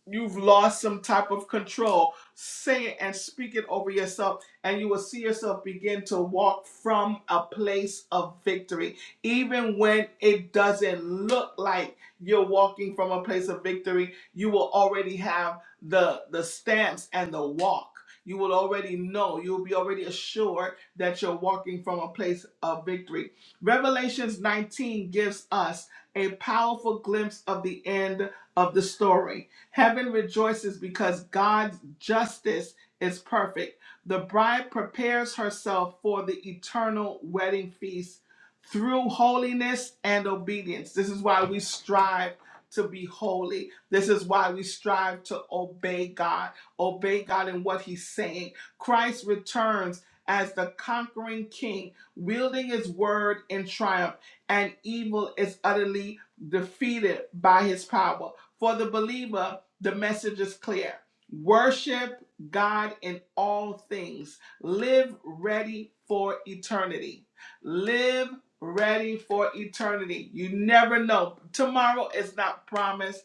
You've lost some type of control. Say it and speak it over yourself, and you will see yourself begin to walk from a place of victory. Even when it doesn't look like you're walking from a place of victory, you will already have the, the stance and the walk. You will already know, you will be already assured that you're walking from a place of victory. Revelations 19 gives us a powerful glimpse of the end of the story. Heaven rejoices because God's justice is perfect. The bride prepares herself for the eternal wedding feast through holiness and obedience. This is why we strive to be holy. This is why we strive to obey God, obey God in what He's saying. Christ returns as the conquering king, wielding His word in triumph, and evil is utterly defeated by His power. For the believer, the message is clear. Worship God in all things. Live ready for eternity. Live ready for eternity. You never know. Tomorrow is not promised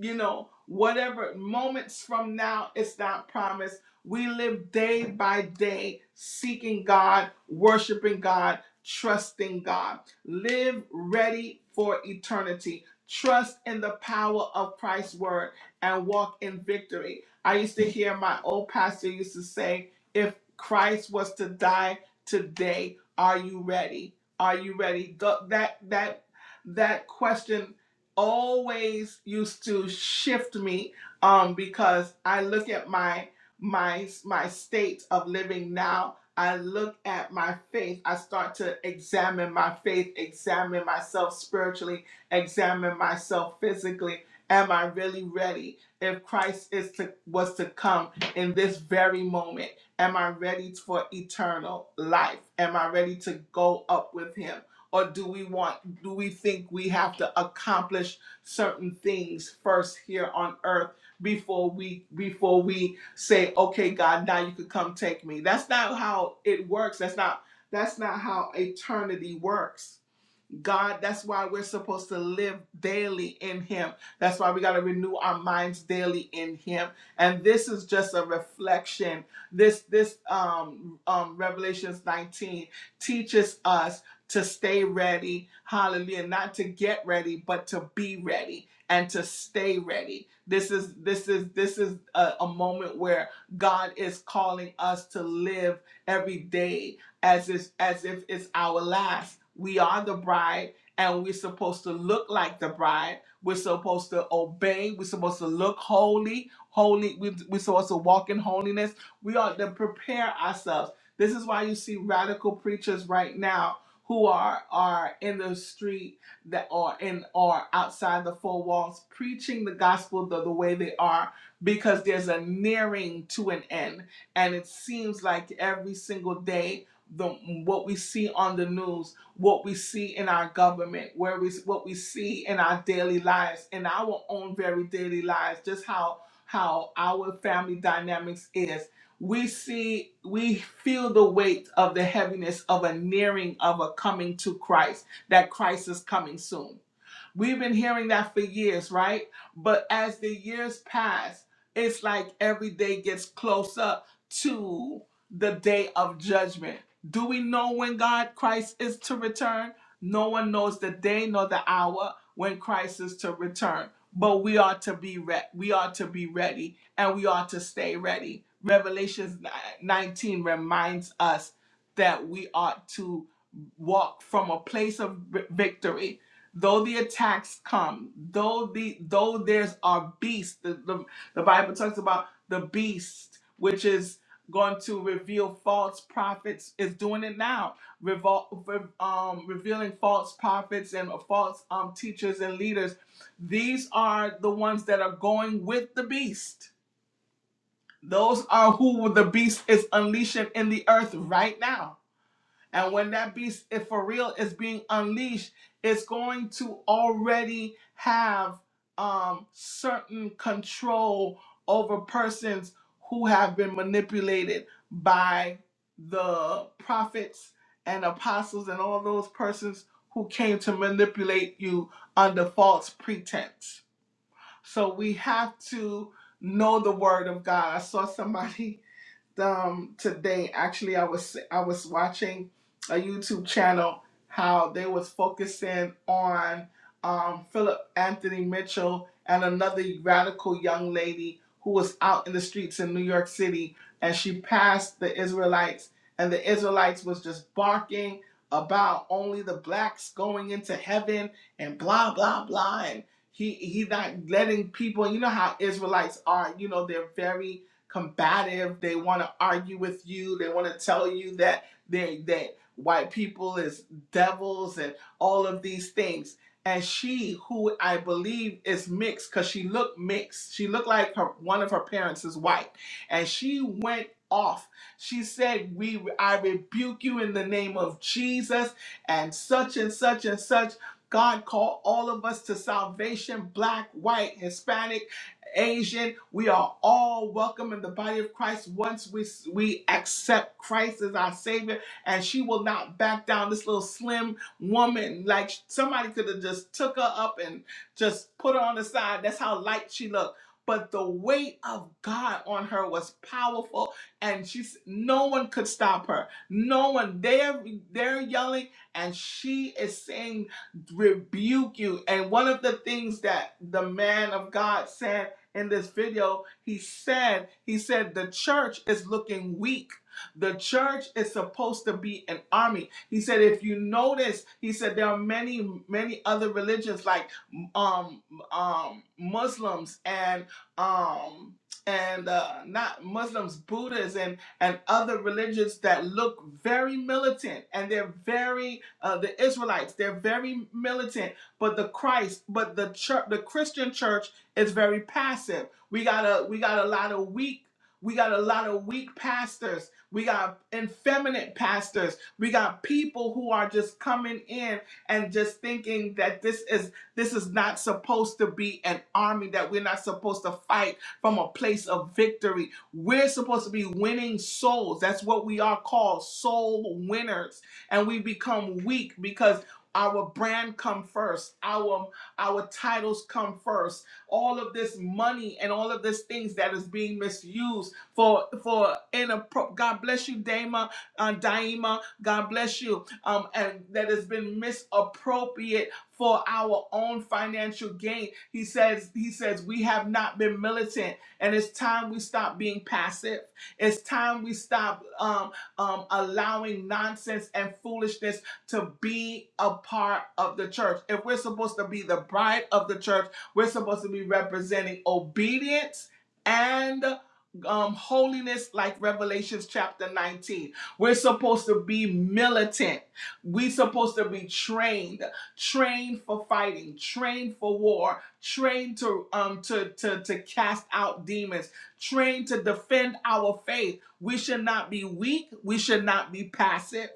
you know, whatever moments from now, it's not promised. We live day by day seeking God, worshiping God, trusting God. Live ready for eternity. Trust in the power of Christ's word and walk in victory. I used to hear my old pastor used to say, if Christ was to die today, are you ready? Are you ready? Th- That that that question always used to shift me um, because I look at my my my state of living now. I look at my faith. I start to examine my faith, examine myself spiritually, examine myself physically. Am I really ready? If Christ is to was to come in this very moment, am I ready for eternal life? Am I ready to go up with Him, or do we want do we think we have to accomplish certain things first here on earth before we before we say, okay, God, now you can come take me. That's not how it works. That's not that's not how eternity works God, that's why we're supposed to live daily in Him. That's why we got to renew our minds daily in Him. And this is just a reflection. This this um, um, Revelations 19 teaches us to stay ready. Hallelujah! Not to get ready, but to be ready and to stay ready. This is this is this is a, a moment where God is calling us to live every day as if, as if it's our last. We are the bride and we're supposed to look like the bride. We're supposed to obey. We're supposed to look holy, holy. We, we're supposed to walk in holiness. We ought to prepare ourselves. This is why you see radical preachers right now who are are in the street that are in or outside the four walls preaching the gospel the, the way they are because there's a nearing to an end and it seems like every single day the what we see on the news, what we see in our government, where we what we see in our daily lives, in our own very daily lives, just how how our family dynamics is. We see we feel the weight of the heaviness of a nearing of a coming to Christ, that Christ is coming soon We've been hearing that for years, right? But as the years pass, it's like every day gets closer to the day of judgment. Do we know when God Christ is to return? No one knows the day nor the hour when Christ is to return. But we are to be re- we are to be ready and we are to stay ready. Revelations ni- 19 reminds us that we ought to walk from a place of vi- victory though the attacks come, though the though there's our beast, the, the, the Bible talks about the beast, which is going to reveal false prophets, is doing it now, revol- re- um, revealing false prophets and false um, teachers and leaders. These are the ones that are going with the beast. Those are who the beast is unleashing in the earth right now and when that beast, if for real, is being unleashed, it's going to already have um, certain control over persons who have been manipulated by the prophets and apostles and all those persons who came to manipulate you under false pretense. So we have to know the word of God. I saw somebody um, today. Actually, I was I was watching a YouTube channel how they was focusing on um, Philip Anthony Mitchell and another radical young lady who was out in the streets in New York City, and she passed the Israelites, and the Israelites was just barking about only the blacks going into heaven and blah blah blah and he he not letting people you know how israelites are you know they're very combative. They want to argue with you. They want to tell you that they that white people is devils and all of these things. And she, who I believe is mixed, because she looked mixed. She looked like her one of her parents is white, and she went off. She said, "We, I rebuke you in the name of Jesus," and such and such and such. God called all of us to salvation, black, white, Hispanic Asian, we are all welcome in the body of Christ once we we accept Christ as our Savior, and she will not back down. This little slim woman, like somebody could have just took her up and just put her on the side. That's how light she looked. But the weight of God on her was powerful, and she's no one could stop her. No one. They're they're yelling, and she is saying, "Rebuke you!" And one of the things that the man of God said in this video, he said, he said the church is looking weak. The church is supposed to be an army. He said, if you notice, he said there are many, many other religions like um um Muslims and um and uh not Muslims, Buddhists and and other religions that look very militant and they're very uh the Israelites, they're very militant, but the Christ, but the church, the Christian church it's very passive. We got a we got a lot of weak we got a lot of weak pastors. We got effeminate pastors. We got people who are just coming in and just thinking that this is this is not supposed to be an army that we're not supposed to fight from a place of victory. We're supposed to be winning souls. That's what we are called, soul winners. And we become weak because our brand come first. Our our titles come first all of this money and all of these things that is being misused for for inappro- God bless you, Dama, uh, Daima. God bless you. Um, and that has been misappropriate for our own financial gain. He says he says we have not been militant, and it's time we stop being passive. It's time we stop um, um, allowing nonsense and foolishness to be a part of the church. If we're supposed to be the bride of the church we're supposed to be representing obedience and um, holiness, like Revelations chapter 19. We're supposed to be militant. We're supposed to be trained, trained for fighting, trained for war, trained to um to to to cast out demons, trained to defend our faith. We should not be weak. We should not be passive.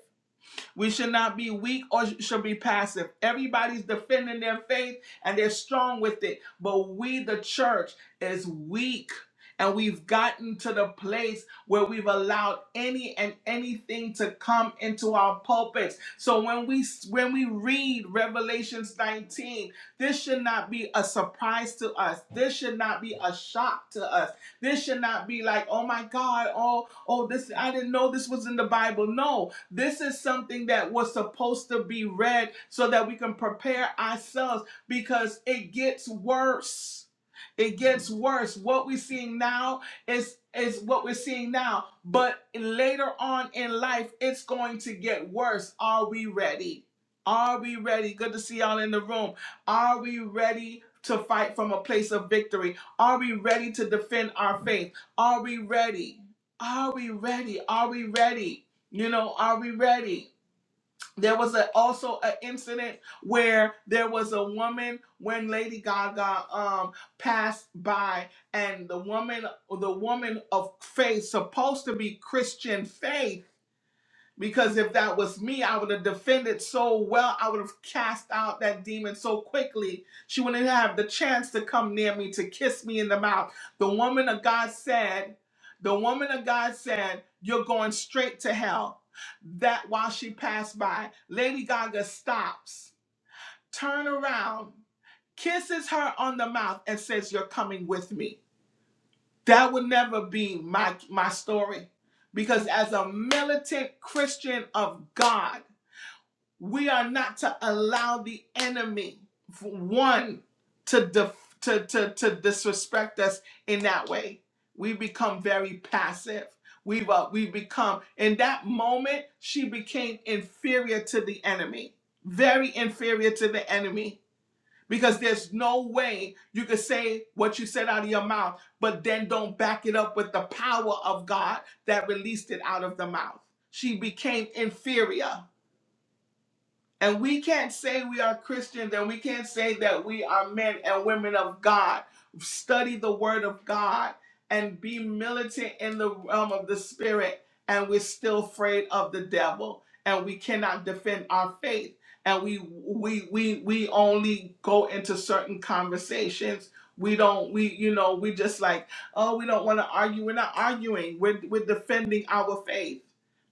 We should not be weak or sh- should be passive. Everybody's defending their faith and they're strong with it. But we, the church, is weak. And we've gotten to the place where we've allowed any and anything to come into our pulpits. So when we when we read Revelations 19, this should not be a surprise to us. This should not be a shock to us. This should not be like, oh my God, oh, oh, this I didn't know this was in the Bible. No, this is something that was supposed to be read so that we can prepare ourselves because it gets worse. It gets worse. What we're seeing now is is what we're seeing now, but later on in life, it's going to get worse. Are we ready? Are we ready? Good to see y'all in the room. Are we ready to fight from a place of victory? Are we ready to defend our faith? Are we ready? Are we ready? Are we ready? You know, are we ready? There was a, also an incident where there was a woman when Lady Gaga um passed by, and the woman, the woman of faith, supposed to be Christian faith because if that was me, I would have defended so well. I would have cast out that demon so quickly. She wouldn't have the chance to come near me to kiss me in the mouth. The woman of God said, The woman of God said, You're going straight to hell. That while she passed by, Lady Gaga stops, turn around, kisses her on the mouth, and says, You're coming with me that would never be my my story because as a militant christian of god we are not to allow the enemy for one to def- to, to to disrespect us in that way we become very passive we've uh, we become in that moment she became inferior to the enemy very inferior to the enemy because there's no way you could say what you said out of your mouth, but then don't back it up with the power of God that released it out of the mouth. She became inferior. And we can't say we are Christians and we can't say that we are men and women of God. Study the word of God and be militant in the realm of the spirit. And we're still afraid of the devil and we cannot defend our faith. And we we we we only go into certain conversations. We don't we you know we just like oh we don't want to argue. We're not arguing. We're we're defending our faith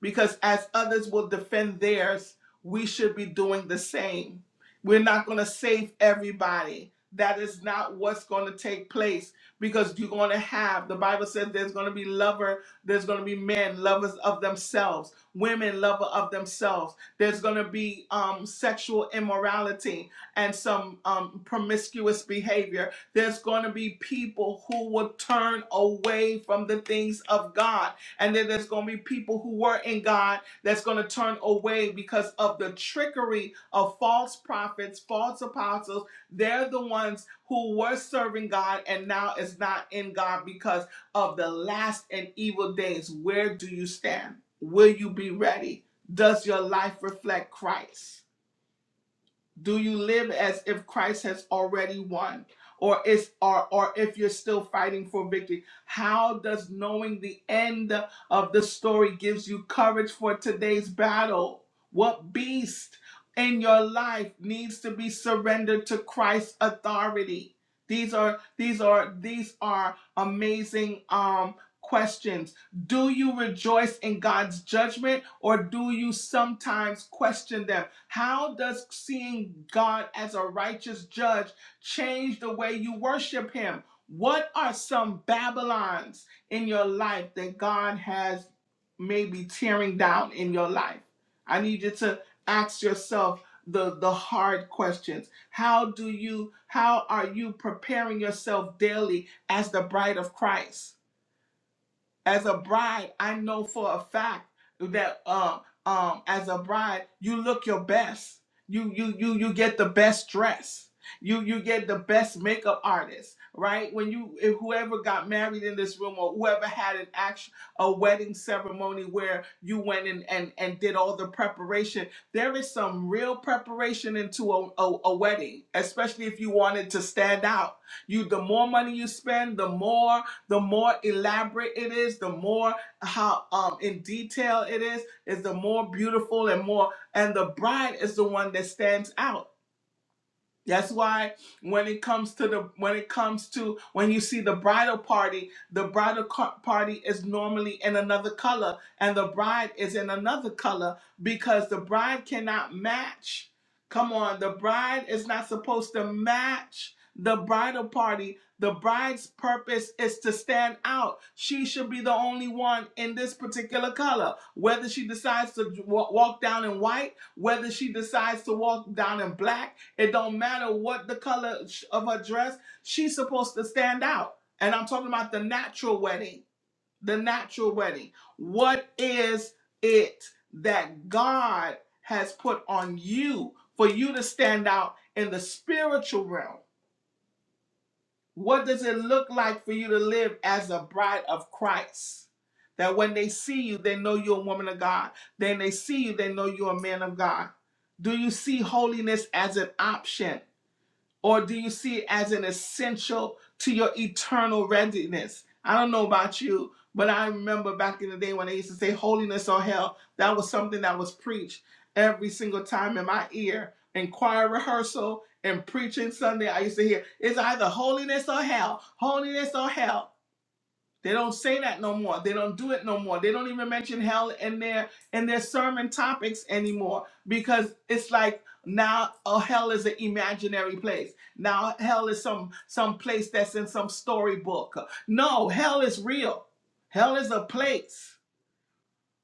because as others will defend theirs we should be doing the same. We're not going to save everybody. That is not what's going to take place because you're going to have, the Bible says there's going to be lover, there's going to be men, lovers of themselves, women, lover of themselves. There's going to be um, sexual immorality and some um, promiscuous behavior. There's going to be people who will turn away from the things of God. And then there's going to be people who were in God that's going to turn away because of the trickery of false prophets, false apostles. They're the ones who were serving God and now is not in God because of the last and evil days. Where do you stand? Will you be ready? Does your life reflect Christ? Do you live as if Christ has already won? Or is or or if you're still fighting for victory? How does knowing the end of the story gives you courage for today's battle? What beast in your life needs to be surrendered to Christ's authority? These are these are these are amazing um questions do you rejoice in God's judgment or do you sometimes question them? How does seeing God as a righteous judge change the way you worship Him? What are some Babylons in your life that God has maybe tearing down in your life? I need you to ask yourself the, the hard questions. How do you, how are you preparing yourself daily as the bride of Christ? as a bride, I know for a fact that uh, um, as a bride, you look your best. You you you you get the best dress. You you get the best makeup artist, right? When you if whoever got married in this room or whoever had an action a wedding ceremony where you went and and and did all the preparation, there is some real preparation into a, a, a wedding, especially if you wanted to stand out. You the more money you spend, the more the more elaborate it is, the more how um in detail it is, is the more beautiful and more and the bride is the one that stands out that's why when it comes to the when it comes to when you see the bridal party, the bridal co- party is normally in another color and the bride is in another color because the bride cannot match. Come on, the bride is not supposed to match the bridal party. The bride's purpose is to stand out. She should be the only one in this particular color. Whether she decides to wa- walk down in white, whether she decides to walk down in black, it don't matter what the color of her dress, she's supposed to stand out. And I'm talking about the natural wedding. The natural wedding. What is it that God has put on you for you to stand out in the spiritual realm? What does it look like for you to live as a bride of Christ? That when they see you, they know you're a woman of God. Then they see you, they know you're a man of God. Do you see holiness as an option? Or do you see it as an essential to your eternal readiness? I don't know about you, but I remember back in the day when they used to say holiness or hell, that was something that was preached every single time in my ear. In choir rehearsal and preaching Sunday, I used to hear it's either holiness or hell, holiness or hell. They don't say that no more. They don't do it no more. They don't even mention hell in their in their sermon topics anymore because it's like now oh, hell is an imaginary place. Now hell is some some place that's in some storybook. No, hell is real. Hell is a place.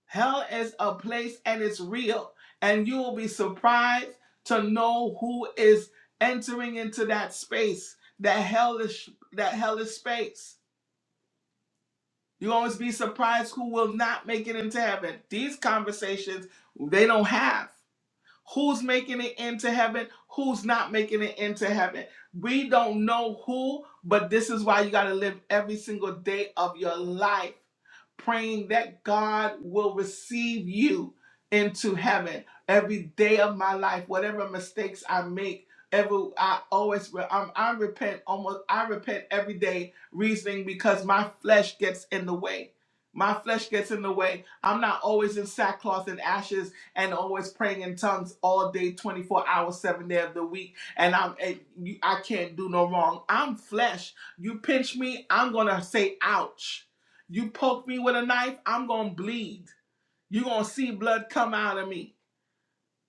Hell is a place and it's real. And you will be surprised to know who is entering into that space. That hellish that hellish space you always be surprised who will not make it into heaven. These conversations they don't have who's making it into heaven, who's not making it into heaven. We don't know who, but this is why you got to live every single day of your life praying that God will receive you into heaven every day of my life, whatever mistakes I make. Every, I always re- I'm, I repent almost I repent every day reasoning because my flesh gets in the way. My flesh gets in the way. I'm not always in sackcloth and ashes and always praying in tongues all day, 24 hours, seven day of the week. And I'm, and you, I can't do no wrong. I'm flesh. You pinch me, I'm gonna say ouch. You poke me with a knife, I'm gonna bleed. You're gonna see blood come out of me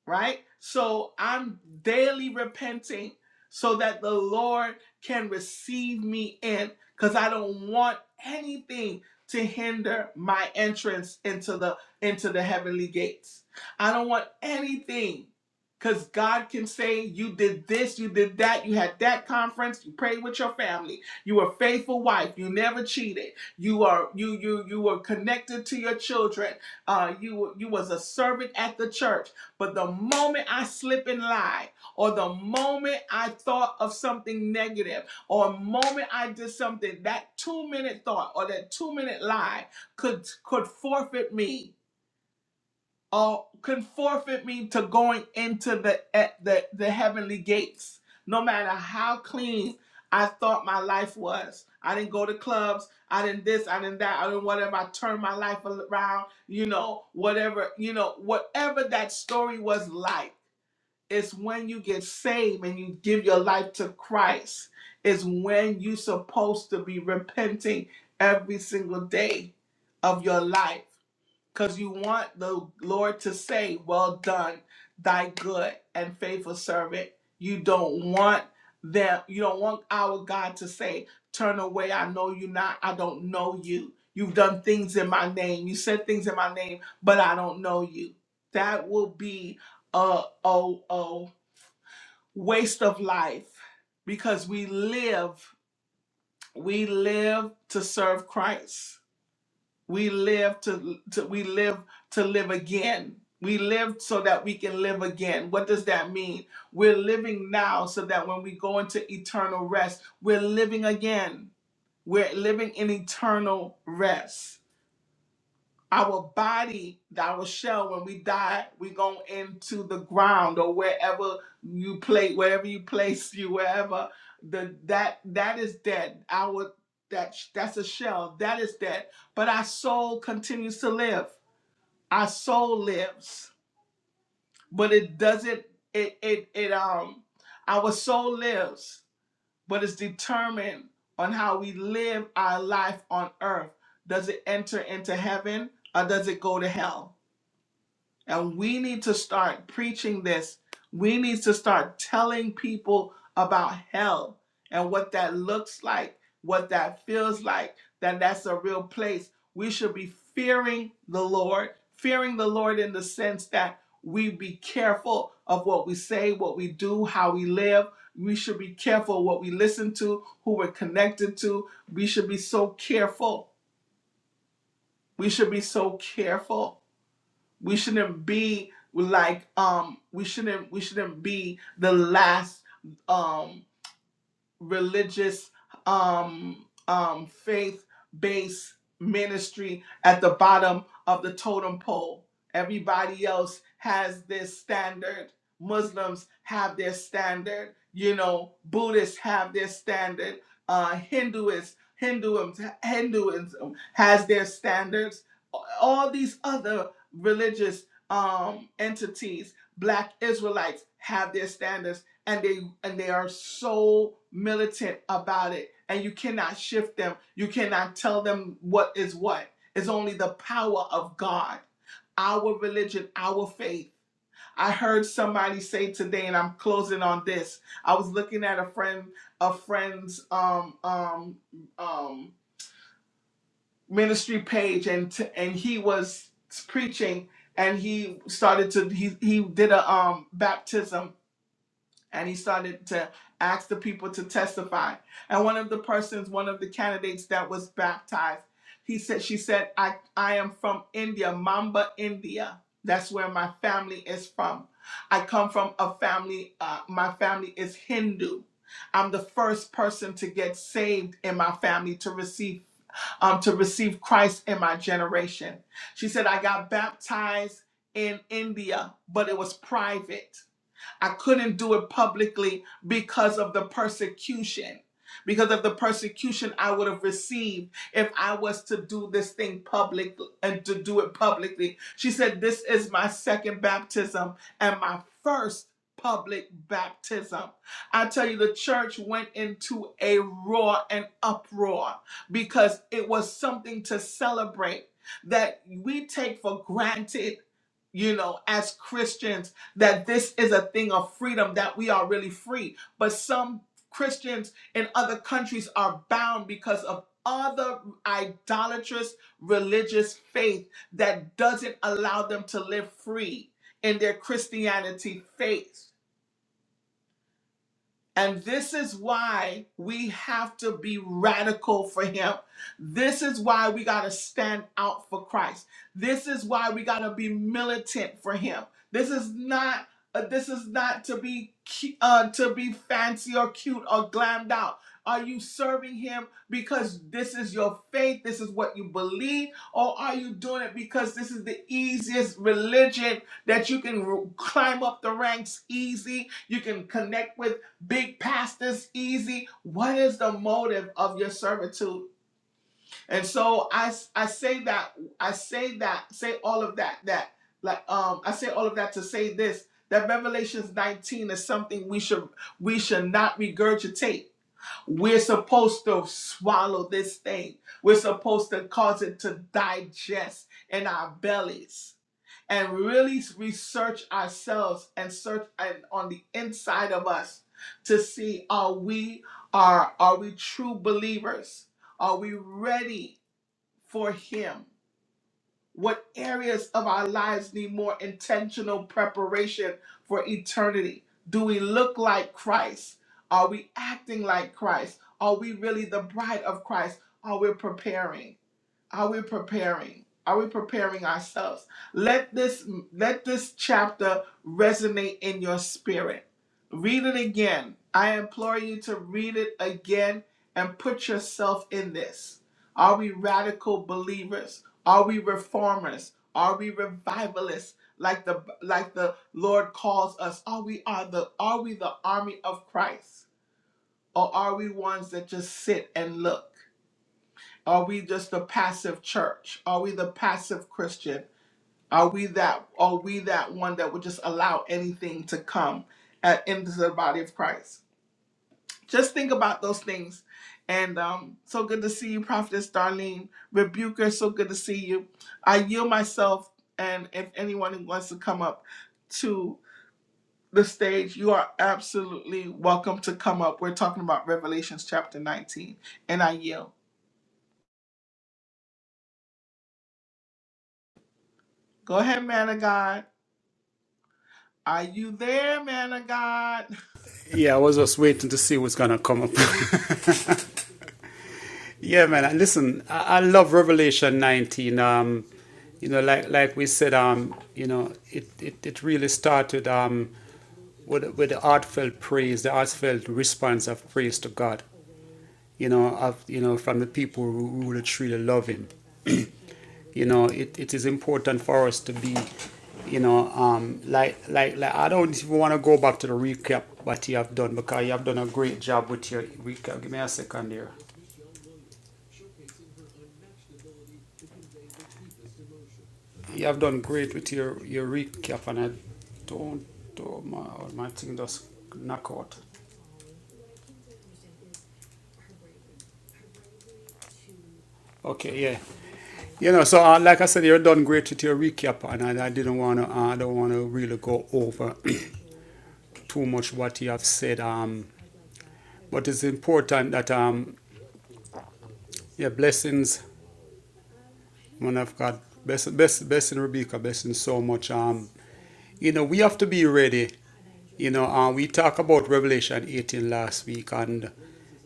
right? So I'm daily repenting so that the Lord can receive me in cuz I don't want anything to hinder my entrance into the into the heavenly gates. I don't want anything cuz God can say you did this, you did that, you had that conference, you prayed with your family, you were a faithful wife, you never cheated. You are you you you were connected to your children. Uh you were- you was a servant at the church but the moment I slip and lie, or the moment I thought of something negative, or a moment I did something, that two minute thought or that two minute lie could could forfeit me or could forfeit me to going into the e, the, the heavenly gates, no matter how clean I thought my life was. I didn't go to clubs. I didn't this. I didn't that. I didn't whatever. I turned my life around. You know, whatever. You know, whatever that story was like it's when you get saved and you give your life to Christ. It's when you're supposed to be repenting every single day of your life because you want the Lord to say, Well done, thy good and faithful servant. You don't want them, you don't want our God to say, Turn away, I know you not, I don't know you. You've done things in my name, you said things in my name, but I don't know you. That will be uh oh oh waste of life because we live we live to serve Christ. We live to, to we live to live again. We live so that we can live again. What does that mean? We're living now so that when we go into eternal rest, we're living again. We're living in eternal rest. Our body, our shell, when we die, we go into the ground or wherever you play, wherever you place you, wherever the that that is dead. Our that that's a shell that is dead, but our soul continues to live. Our soul lives, but it doesn't. It it it um. Our soul lives, but it's determined on how we live our life on earth. Does it enter into heaven or does it go to hell? And we need to start preaching this. We need to start telling people about hell and what that looks like, what that feels like, that that's a real place. We should be fearing the Lord, fearing the Lord in the sense that we be careful of what we say, what we do, how we live. We should be careful what we listen to, who we're connected to. We should be so careful. We should be so careful. We shouldn't be like um we shouldn't we shouldn't be the last um religious um, um, faith based ministry at the bottom of the totem pole. Everybody else has their standard. Muslims have their standard. You know, Buddhists have their standard. Uh, Hinduists, Hinduism, Hinduism has their standards. All these other religious um, entities, Black Israelites have their standards and they and they are so militant about it and you cannot shift them you cannot tell them what is what it's only the power of god our religion our faith i heard somebody say today and i'm closing on this i was looking at a friend a friend's um um um ministry page and t- and he was preaching and he started to he he did a um baptism and he started to ask the people to testify. And one of the persons, one of the candidates that was baptized, he said, she said, I, I am from India, Mamba, India. That's where my family is from. I come from a family, uh, my family is Hindu. I'm the first person to get saved in my family to receive um, to receive Christ in my generation. She said, I got baptized in India, but it was private. I couldn't do it publicly because of the persecution. Because of the persecution I would have received if I was to do this thing public and to do it publicly. She said, This is my second baptism and my first public baptism. I tell you, the church went into a roar and uproar because it was something to celebrate that we take for granted you know, as Christians that this is a thing of freedom, that we are really free. But some Christians in other countries are bound because of other idolatrous religious faith that doesn't allow them to live free in their Christianity faith. And this is why we have to be radical for him. This is why we got to stand out for Christ. This is why we got to be militant for him. This is not uh, this is not to be cu- uh, to be fancy or cute or glammed out. Are you serving him because this is your faith, this is what you believe, or are you doing it because this is the easiest religion that you can r- climb up the ranks easy? You can connect with Big pastors, easy. What is the motive of your servitude? And so I, I say that, I say that, say all of that, that, like, um, I say all of that to say this, that Revelations 19 is something we should, we should not regurgitate. We're supposed to swallow this thing. We're supposed to cause it to digest in our bellies and really research ourselves and search and on the inside of us to see are we are are we true believers are we ready for him what areas of our lives need more intentional preparation for eternity do we look like christ are we acting like christ are we really the bride of christ are we preparing are we preparing? Are we preparing ourselves? Let this let this chapter resonate in your spirit. Read it again. I implore you to read it again and put yourself in this. Are we radical believers? Are we reformers? Are we revivalists like the like the Lord calls us? Are we are the are we the army of Christ? Or are we ones that just sit and look? Are we just a passive church? Are we the passive Christian? Are we that are we that one that would just allow anything to come at, into the body of Christ? Just think about those things. And um, so good to see you, Prophetess Darlene. Rebuker, so good to see you. I yield myself, and if anyone who wants to come up to the stage, you are absolutely welcome to come up. We're talking about Revelations chapter 19, and I yield. Go ahead, man of God. Are you there, man of God?
Yeah, I was just waiting to see what's gonna come up. yeah, man. and Listen, I, I love Revelation 19. Um, you know, like like we said, um, you know, it, it, it really started um with with the heartfelt praise, the heartfelt response of praise to God. you know, of, you know, from the people who, really truly love him. You know, it, it is important for us to be, you know, um, like, like, like, I don't even want to go back to the recap what you have done because you have done a great job with your recap. Give me a second here. You have done great with your, your recap and I don't, oh my, my thing just knock out. Okay, yeah. You know, so uh, like I said, you're done great with your recap and I, I didn't want to, uh, I don't want to really go over too much what you have said. Um, But it's important that um yeah blessings man of God bless bless blessing Rebecca blessing so much um you know we have to be ready you know um we talk about Revelation 18 last week and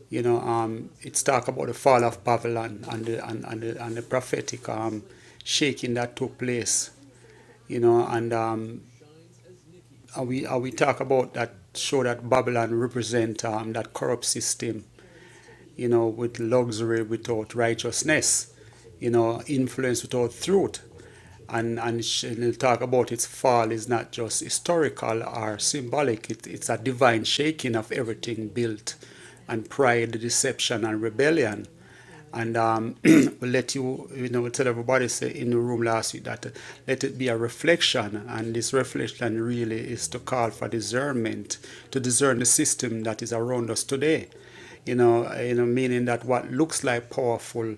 you know um it's talk about the fall of Babylon and the and, and the, and the prophetic um shaking that took place you know and um and we and we talk about that show that Babylon represent um that corrupt system you know, with luxury without righteousness, you know, influence without truth. And, and she'll talk about its fall is not just historical or symbolic, it, it's a divine shaking of everything built, and pride, deception, and rebellion. And um, we let you, you know, we tell everybody say in the room last week that uh, let it be a reflection, and this reflection really is to call for discernment, to discern the system that is around us today. You know, uh, you know, meaning that what looks like powerful,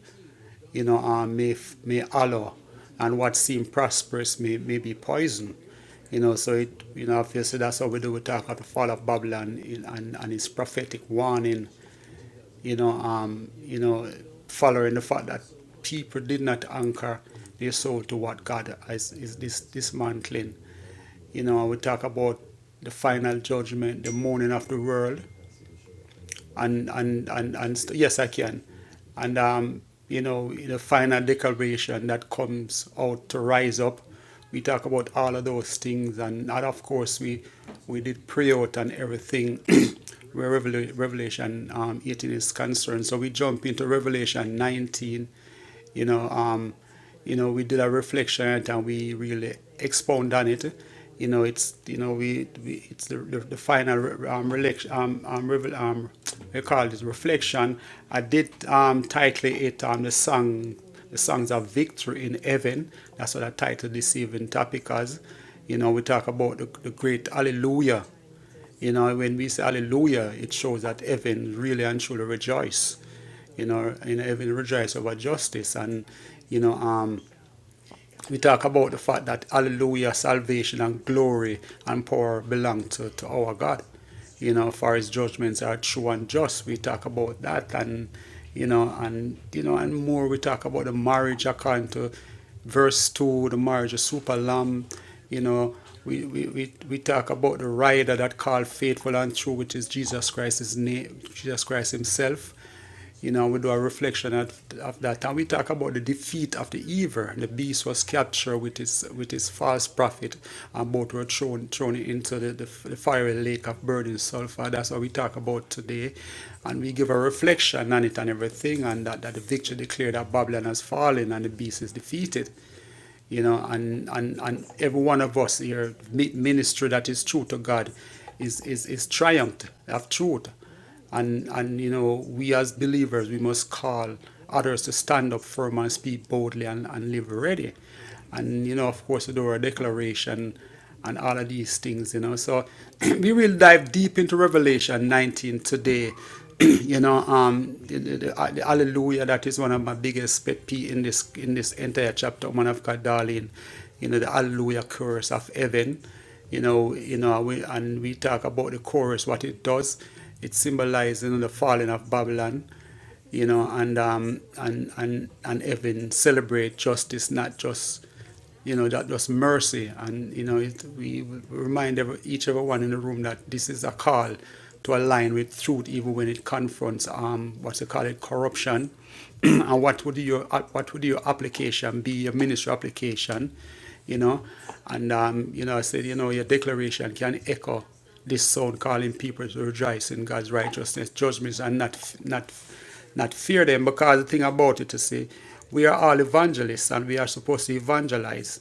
you know, uh, may may allow, and what seems prosperous may may be poison. You know, so it, you know, obviously that's how we do. We talk about the fall of Babylon in- and, and its prophetic warning you know, um, you know, following the fact that people did not anchor their soul to what God is, is this dismantling. You know, we talk about the final judgment, the mourning of the world, and and and, and st- yes, I can. And um, you know, in the final declaration that comes out to rise up, we talk about all of those things, and, and of course we we did pray out and everything where Revela- Revelation um, 18 is concerned. So we jump into Revelation 19 you know, um, you know, we did a reflection and we really expound on it. You know, it's you know we, we it's the, the, the final um, relec- um, um, revel- um we call it reflection. I did um, title it um, the song the songs of victory in heaven. That's what I titled this evening topic as. You know, we talk about the, the great hallelujah you know, when we say hallelujah, it shows that heaven really and truly rejoice. You know, in heaven rejoice over justice and, you know, um, we talk about the fact that hallelujah, salvation, and glory and power belong to, to our God. You know, for his judgments are true and just. We talk about that and you know, and you know, and more we talk about the marriage according to verse two, the marriage of super lamb, you know. We, we, we, we talk about the rider that called faithful and true, which is Jesus Christ's name, Jesus Christ Himself you know, we do a reflection at, of that, and we talk about the defeat of the evil. The beast was captured with his with his false prophet, and both were thrown thrown into the, the, the fiery lake of burning sulfur. That's what we talk about today, and we give a reflection on it and everything, and that, that the victory declared that Babylon has fallen and the beast is defeated you know, and, and, and every one of us here, ministry that is true to God is, is, is triumphed of truth. And, and, you know, we as believers, we must call others to stand up firm and speak boldly and, and live ready. And, you know, of course, the Dora Declaration and all of these things, you know. So we will dive deep into Revelation 19 today. you know, um, the, the, the, uh, the Hallelujah, that is one of my biggest pet peeve in this in this entire chapter, man of God, darling. You know, the Hallelujah chorus of heaven. You know, you know, we, and we talk about the chorus, what it does. It symbolizes you know, the falling of Babylon you know, and um, and and and even celebrate justice, not just you know, that was mercy. And, you know, it, we remind every, each and every one in the room that this is a call to align with truth, even when it confronts um, what you call it, corruption. and what would your uh, what would your application be, your ministry application, you know? And, um, you know, I said, you know, your declaration can echo this sound calling people to rejoice in God's righteousness, judgments, and not, not not fear them because the thing about it, you see, we are all evangelists and we are supposed to evangelize,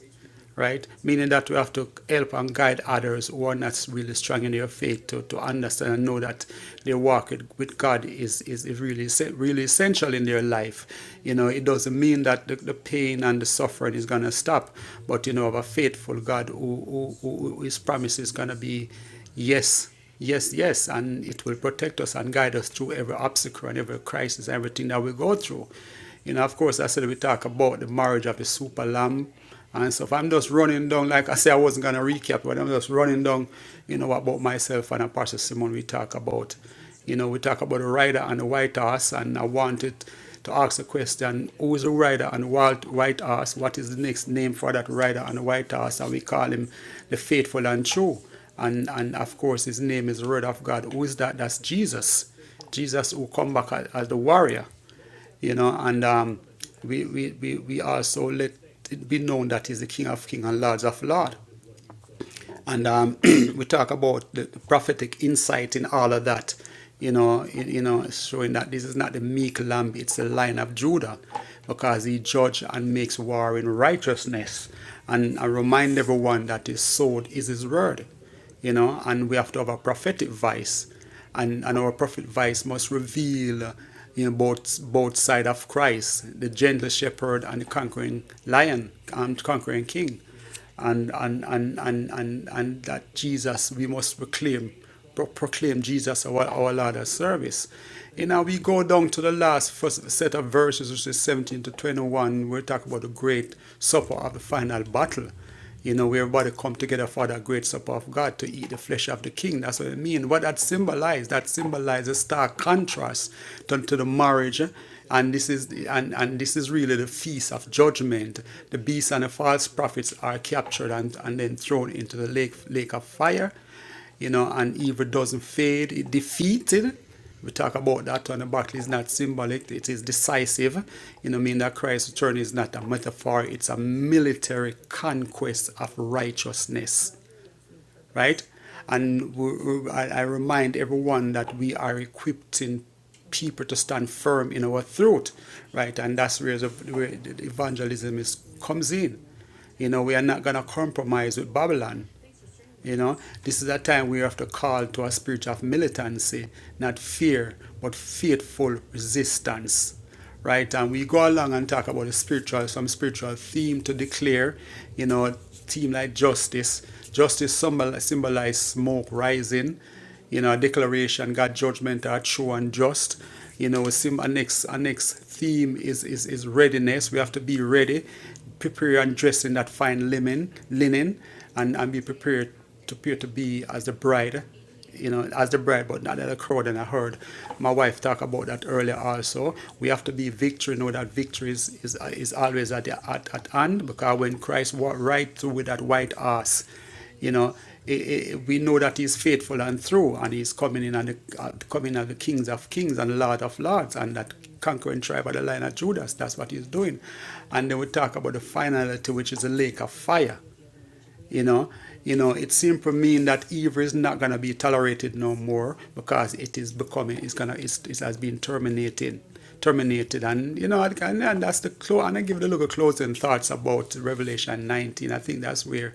right? Meaning that we have to help and guide others who are not really strong in their faith to, to understand and know that their walk with God is, is really really essential in their life. You know, it doesn't mean that the, the pain and the suffering is going to stop, but you know, of a faithful God who, who, who, who- whose promise is going to be yes Yes, yes, and it will protect us and guide us through every obstacle and every crisis, everything that we go through. You know, of course, I said we talk about the marriage of the super lamb and stuff. I'm just running down, like I said, I wasn't going to recap, but I'm just running down, you know, about myself and Pastor Simon. We talk about, you know, we talk about the rider and the white horse, and I wanted to ask the question who is the rider and the wild white horse? What is the next name for that rider and the white horse? And we call him the faithful and true. And, and of course, his name is the Word of God. Who is that? That's Jesus. Jesus who come back as, the warrior, you know. And um, we, we, we, we also let it be known that he's the King of King and Lords of Lord. And um, we talk about the prophetic insight in all of that, you know, you, you know, showing that this is not the meek lamb, it's the lion of Judah, because he judges and makes war in righteousness. And I remind everyone that his sword is his word, you know, and we have to have a prophetic voice, and, and our prophetic voice must reveal, you know, both both side of Christ, the gentle shepherd and the conquering lion, and conquering king and and and and and, and that Jesus we must proclaim pro- proclaim Jesus our, our Lord as service. You know, we go down to the last first set of verses, which is 17 to 21. We talk about the great supper of the final battle. You know, where everybody come together for that great supper of God to eat the flesh of the king. That's what it means. What that symbolizes, that symbolizes stark contrast to, to the marriage. eh, And this is the- and, and this is really the feast of judgment. The beast and the false prophets are captured and, and then thrown into the lake lake of fire you know, and evil doesn't fade, it defeated. We talk about that when the battle is not symbolic, it is decisive. You know, mean that Christ's return is not a metaphor, it's a military conquest of righteousness right? And we, I remind everyone that we are equipping people to stand firm in our throat, right? And that's where the, where the evangelism is comes in. You know, we are not going to compromise with Babylon. You know, this is a time we have to call to a spirit of militancy, not fear, but faithful resistance right? And we go along and talk about the spiritual, some spiritual theme to declare, you know, a theme like justice. Justice symbol, symbolize smoke rising, you know, a declaration, God's judgment are true and just. You know, sim- our next, our next theme is, is, is readiness. We have to be ready, prepare and dress in that fine linen, linen and, and be prepared to appear to be as the bride you know, as the bride, but not as a crowd. And I heard my wife talk about that earlier also. We have to be victory, know that victory is, is, is always at, the, at, at hand because when Christ walked right through with that white ass, you know, i i we know that he's faithful and true and he's coming in and the, uh, coming as the kings of kings and lord of lords and that conquering tribe of the line of Judas. That's what he's doing. And then we talk about the finality, which is the lake of fire you know, you know, it seems to mean that evil is not gonna be tolerated no more because it is becoming, it's gonna, it's, it has been terminated, terminated, and you know, and, and that's the close. And I give the little closing thoughts about Revelation 19. I think that's where,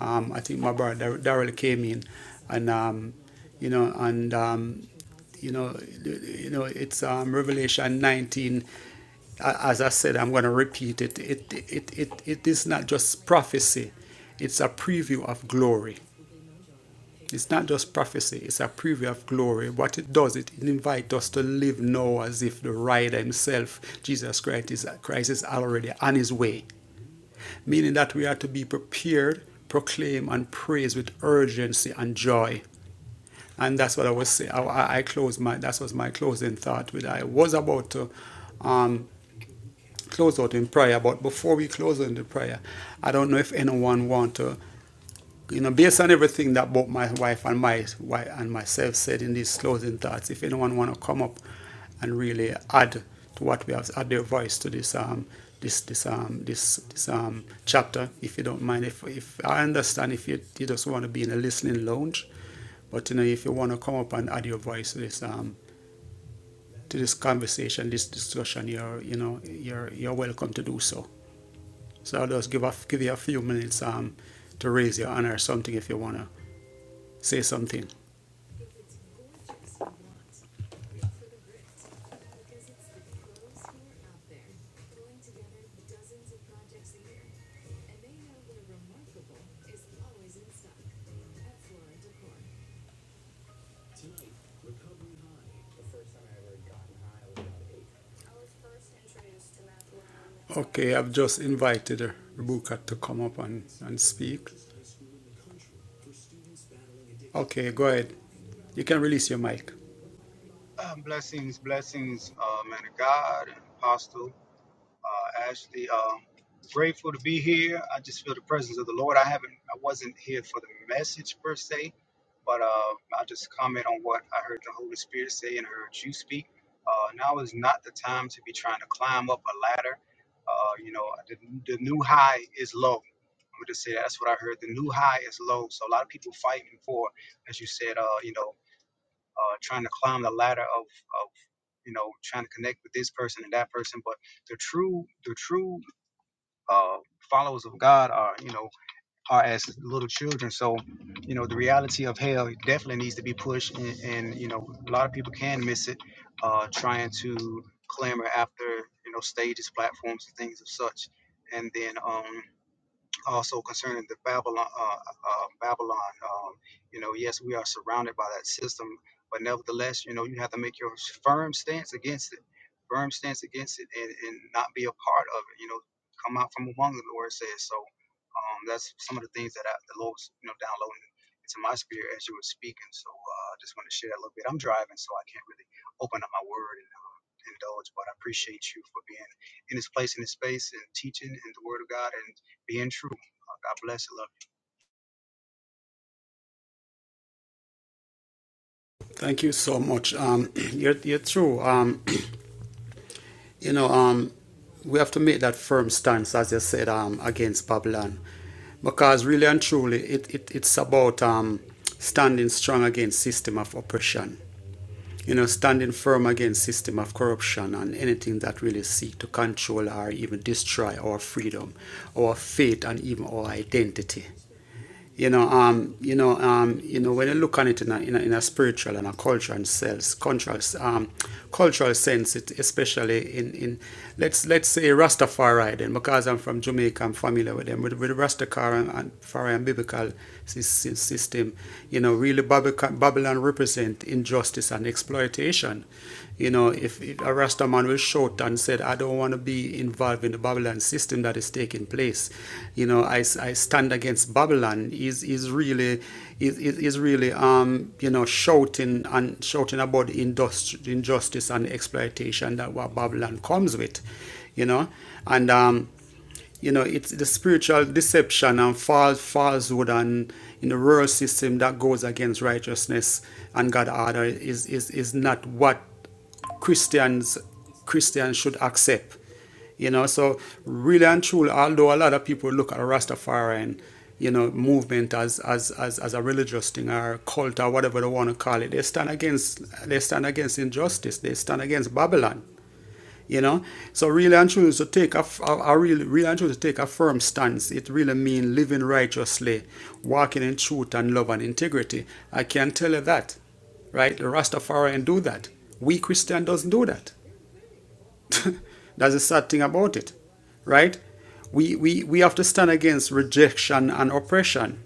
um, I think my brother Daryl came in, and um, you know, and um, you know, you know, it's um, Revelation 19 as I said, I'm going to repeat it. It, it, it, it is not just prophecy, it's a preview of glory. It's not just prophecy, it's a preview of glory. What it does, it invites us to live now as if the rider himself, Jesus Christ, is, Christ is already on his way, meaning that we are to be prepared, proclaim, and praise with urgency and joy. And that's what I was saying. I, I closed my, that was my closing thought with. I was about to um, close out in prayer. But before we close out in the prayer, I don't know if anyone want to, you know, based on everything that both my wife and my wife and myself said in these closing thoughts, if anyone want to come up and really add to what we have, add their voice to this um this this um this this um chapter, if you don't mind. If if I understand if you, you just want to be in a listening lounge, but you know, if you want to come up and add your voice to this um to this conversation, this discussion, you're you know you're you're welcome to do so. So I'll just give, a, give you a few minutes um, to raise your hand or something if you want to say something. Okay, I've just invited Rebecca to come up and, and speak. Okay, go ahead. You can release your mic.
Um, blessings, blessings, uh, man of God and Apostle uh, Ashley. Uh, grateful to be here. I just feel the presence of the Lord. I haven't, I wasn't here for the message per se, but uh, I'll just comment on what I heard the Holy Spirit say and heard you speak. Uh, now is not the time to be trying to climb up a ladder. Uh, you know, the, the new high is low. I'm gonna just say that. that's what I heard. The new high is low. So a lot of people fighting for, as you said, uh, you know, uh, trying to climb the ladder of of you know, trying to connect with this person and that person. But the true, the true uh, followers of God are, you know, are as little children. So, you know, the reality of hell definitely needs to be pushed, and, and you know, a lot of people can miss it, uh, trying to clamor after, you know, stages, platforms, and things of such. And then, um, also concerning the Babylon, uh, uh, um, Babylon. Um, you know, yes, we are surrounded by that system, but nevertheless, you know, you have to make your firm stance against it, firm stance against it, and, and not be a part of it. You know, come out from among them, the Lord says. So um, that's some of the things that I, the Lord's, you know, downloading into my spirit as you were speaking. So uh, I just want to share that a little bit. I'm driving, so I can't really open up my word and uh, indulge, but I appreciate you for being in this place, in this space, and teaching and the Word of God and being true. God bless you, Lord.
Thank you so much. Um, you're, you're true. Um, you know, um, we have to make that firm stance, as you said, um, against Babylon. Because really and truly, it, it, it's about um, standing strong against system of oppression you know, standing firm against system of corruption and anything that really seek to control or even destroy our freedom, our faith, and even our identity. You know, um, you know, um, you know, when you look on it in a, in a, in a spiritual and a cultural sense, cultural, um, cultural sense, it, especially in, in let's let's say Rastafari then, because I'm from Jamaica, I'm familiar with them with, with Rastafari and and Fari and biblical system. You know, really Babylon represent injustice and exploitation you know, if, if a Rasta man was short and said, I don't want to be involved in the Babylon system that is taking place, you know, I I stand against Babylon is, is really, is, is really, um, you know, shouting and shouting about industri- injustice and exploitation that what Babylon comes with, you know, and, um, you know, it's the spiritual deception and false falsehood and in the rural system that goes against righteousness and God order is, is, is not what Christians Christians should accept. You know, so really and truly, although a lot of people look at Rastafarian, you know, movement as as as, as a religious thing or cult or whatever they want to call it, they stand against they stand against injustice. They stand against Babylon. You know, so really and truly to take a, f- a, a really, really and truly to take a firm stance. It really means living righteously, walking in truth and love and integrity. I can tell you that, right? The Rastafarian do that. We Christian doesn't do that. That's the sad thing about it, right? We, we we have to stand against rejection and oppression.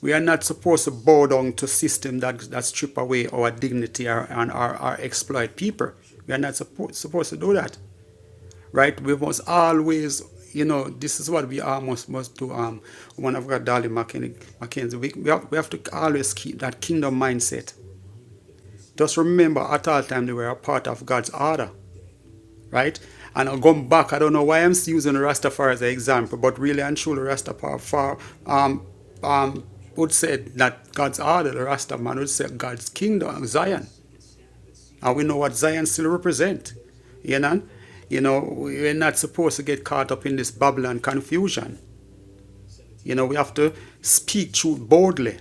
We are not supposed to bow down to system that that strip away our dignity or, and our, our exploit people. We are not suppo- supposed to do that right? We must always, you know, this is what we are must must do. Um, one of God, Darling Mackenzie, Mackenzie we, we, have, we have to always keep that kingdom mindset. Just remember, at all time, they were a part of God's order, right? And I'll go back. I don't know why I'm still using Rastafari as an example, but really and truly, Rastafari um, um, would say that God's order, the Rastaman would say God's kingdom, Zion and we know what Zion still represent. You know? You know, we're not supposed to get caught up in this Babylon confusion. You know, we have to speak truth boldly.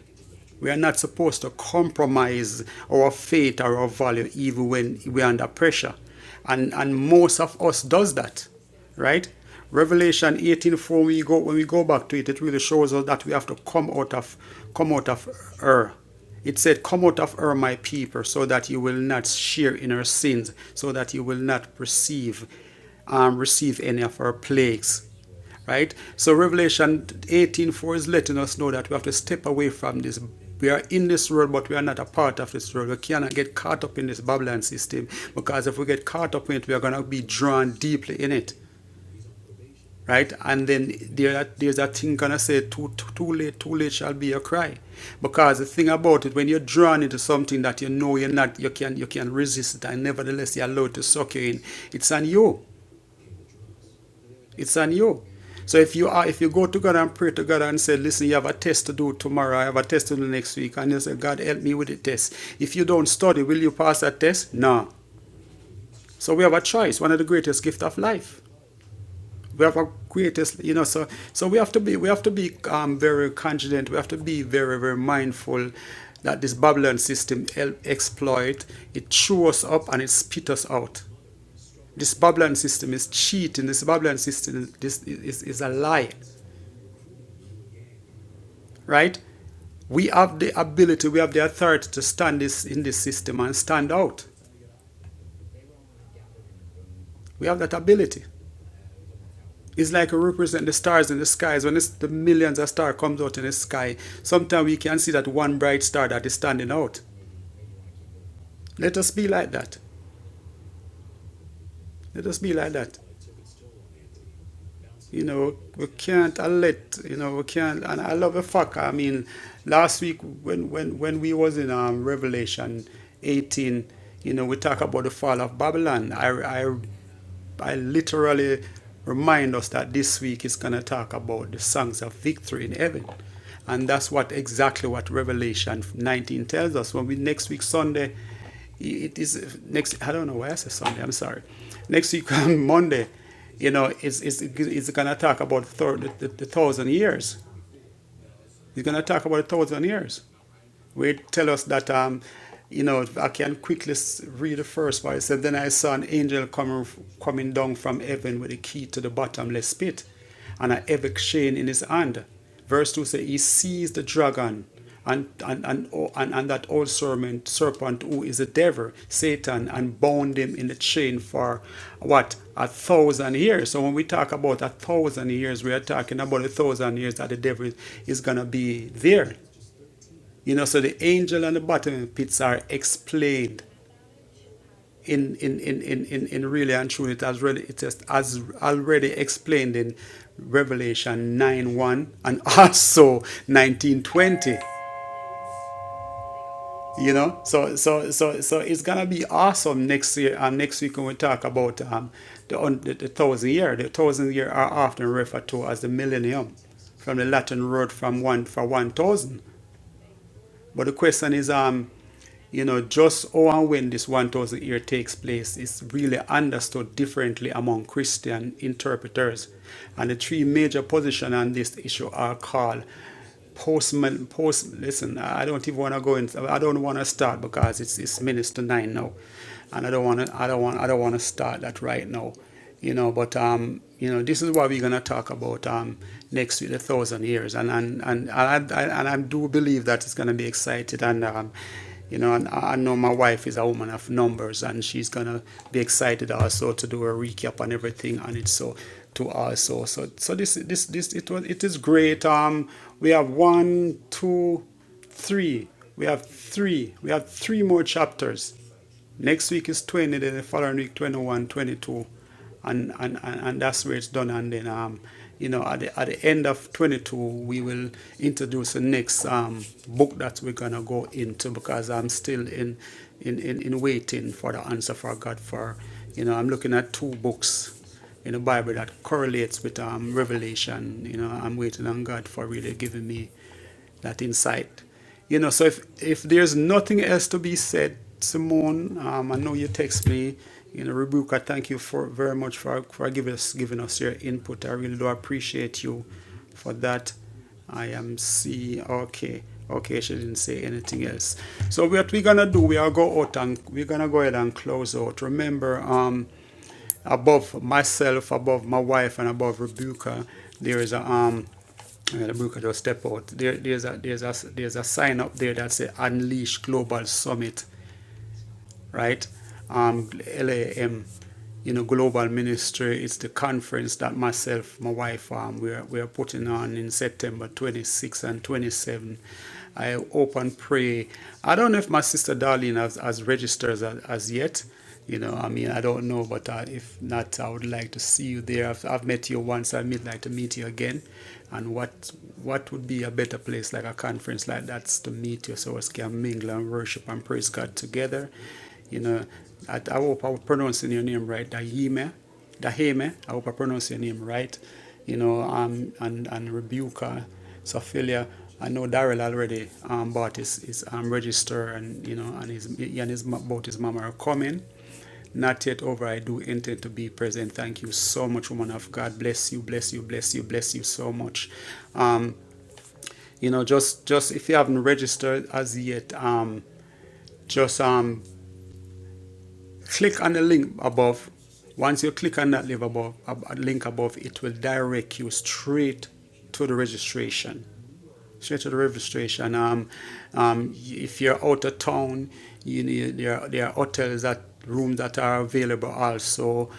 We are not supposed to compromise our faith or our value even when we are under pressure. And and most of us does that. Right? Revelation 18 4. we go when we go back to it, it really shows us that we have to come out of come out of error. It said, Come out of her, my people, so that you will not share in her sins, so that you will not perceive um, receive any of her plagues right so revelation 18 4 is letting us know that we have to step away from this we are in this world but we are not a part of this world we cannot get caught up in this babylon system because if we get caught up in it we are going to be drawn deeply in it right and then there, there's that thing gonna say too, too too late too late shall be your cry because the thing about it when you're drawn into something that you know you're not you can you can resist it and nevertheless you're allowed to suck you in it's on you It's on you. So if you are, if you go to God and pray to God and say, "Listen, you have a test to do tomorrow. I have a test to do next week," and you say, "God, help me with the test." If you don't study, will you pass that test? No. So we have a choice. One of the greatest gifts of life. We have a greatest, you know. So so we have to be we have to be um, very confident. We have to be very very mindful that this Babylon system help exploit. It chew us up and it spit us out. This Babylon system is cheating. This Babylon system is, this is, is a lie. right? We have the ability, we have the authority to stand this in this system and stand out. We have that ability. It's like we represent the stars in the skies. When it's the millions of stars comes out in the sky, sometimes we can see that one bright star that is standing out. Let us be like that. Let us be like that. you know, we can't uh, let, you know, we can't, and I love the fact, I mean, last week when, when, when we was in um, Revelation 18, you know, we talk about the fall of Babylon. I, I, I literally remind us that this week is going to talk about the songs of victory in heaven. And that's what exactly what Revelation 19 tells us. When we next week Sunday, it is next. I don't know why I said Sunday. I'm sorry. Next week on Monday, you know, it's it's it's gonna talk about thir- the, the, the thousand years. It's gonna talk about a thousand years we tell us that um, you know I can quickly read the first part. It said, "Then I saw an angel coming coming down from heaven with a key to the bottomless pit, and a heavy chain in his hand." Verse two says, "He seized the dragon." And, and, and, oh, and, and that old serpent, serpent who is the devil, Satan, and bound him in the chain for what? A thousand years. So when we talk about a thousand years, we are talking about a thousand years that the devil is going to be there. You know, so the angel and the bottomless pits are explained in in in in in, in really and truly it has really it is as already explained in Revelation 9 1 and also nineteen twenty. You know, so so so so it's gonna be awesome next year. And next week when we talk about um the un, the, the thousand year, the thousand year are often referred to as the millennium, from the Latin word from one for one thousand. But the question is, um, you know, just how and when this 1,000 year takes place is really understood differently among Christian interpreters. And the three major positions on this issue are called post, post listen, I don't even want to go in, I don't want to start because it's, it's minutes to nine now. And I don't want to, I don't want, I don't want to start that right now you know. But um, you know, this is what we're gonna talk about um next week, the thousand years, and and and I, I, and I do believe that it's gonna be excited and um, you know, and I I know my wife is a woman of numbers, and she's gonna be excited also to do a recap and everything on it. So to also, so so this this this it was it is great. Um, we have one, two, three. We have three. We have three more chapters Next week is 20, then the following week 21, 22, And, and, and, and that's where it's done. And then, um, you know, at the, at the end of 22, we will introduce the next um, book that we're going to go into because I'm still in, in, in, in waiting for the answer for God. For, you know, I'm looking at two books in the Bible that correlates with um, Revelation. You know, I'm waiting on God for really giving me that insight. You know, so if, if there's nothing else to be said, Simone, um, I know you text me. You know, Rebuka, thank you for very much for for giving us giving us your input. I really do appreciate you for that. I am see okay. Okay, she didn't say anything else. So what we're gonna do, we are go out and we're gonna go ahead and close out. Remember, um above myself, above my wife, and above Rebuka, there is a um. Yeah, Rebuka just step out. There, there's a there's a there's a sign up there that says Unleash Global Summit, right? Um, LAM, you know, Global Ministry. It's the conference that myself, my wife, um, we're we're putting on in September 26 and 27. I hope and pray. I don't know if my sister Darlene has, has registered as, as yet. You know, I mean, I don't know, but uh, if not, I would like to see you there. I've, I've met you once. I'd like to meet you again. And what what would be a better place like a conference like that's to meet you, so us can mingle and worship and praise God together. You know, I, I hope I'm pronouncing your name right, Dayime. Daheme, I hope I pronounce your name right, you know, um, and, and Rebuka, Sophilia. I know Daryl already um, bought his, his um, register and, you know, and his, he and his, both his mama are coming. Not yet over, I do intend to be present. Thank you so much, woman of God. Bless you, bless you, bless you, bless you so much. Um, you know, just, just if you haven't registered as yet, um, just um, click on the link above. Once you click on that link above, link above, it will direct you straight to the registration straight to the registration. Um, um, if you're out of town, you need, there, are, there are hotels that rooms that are available also.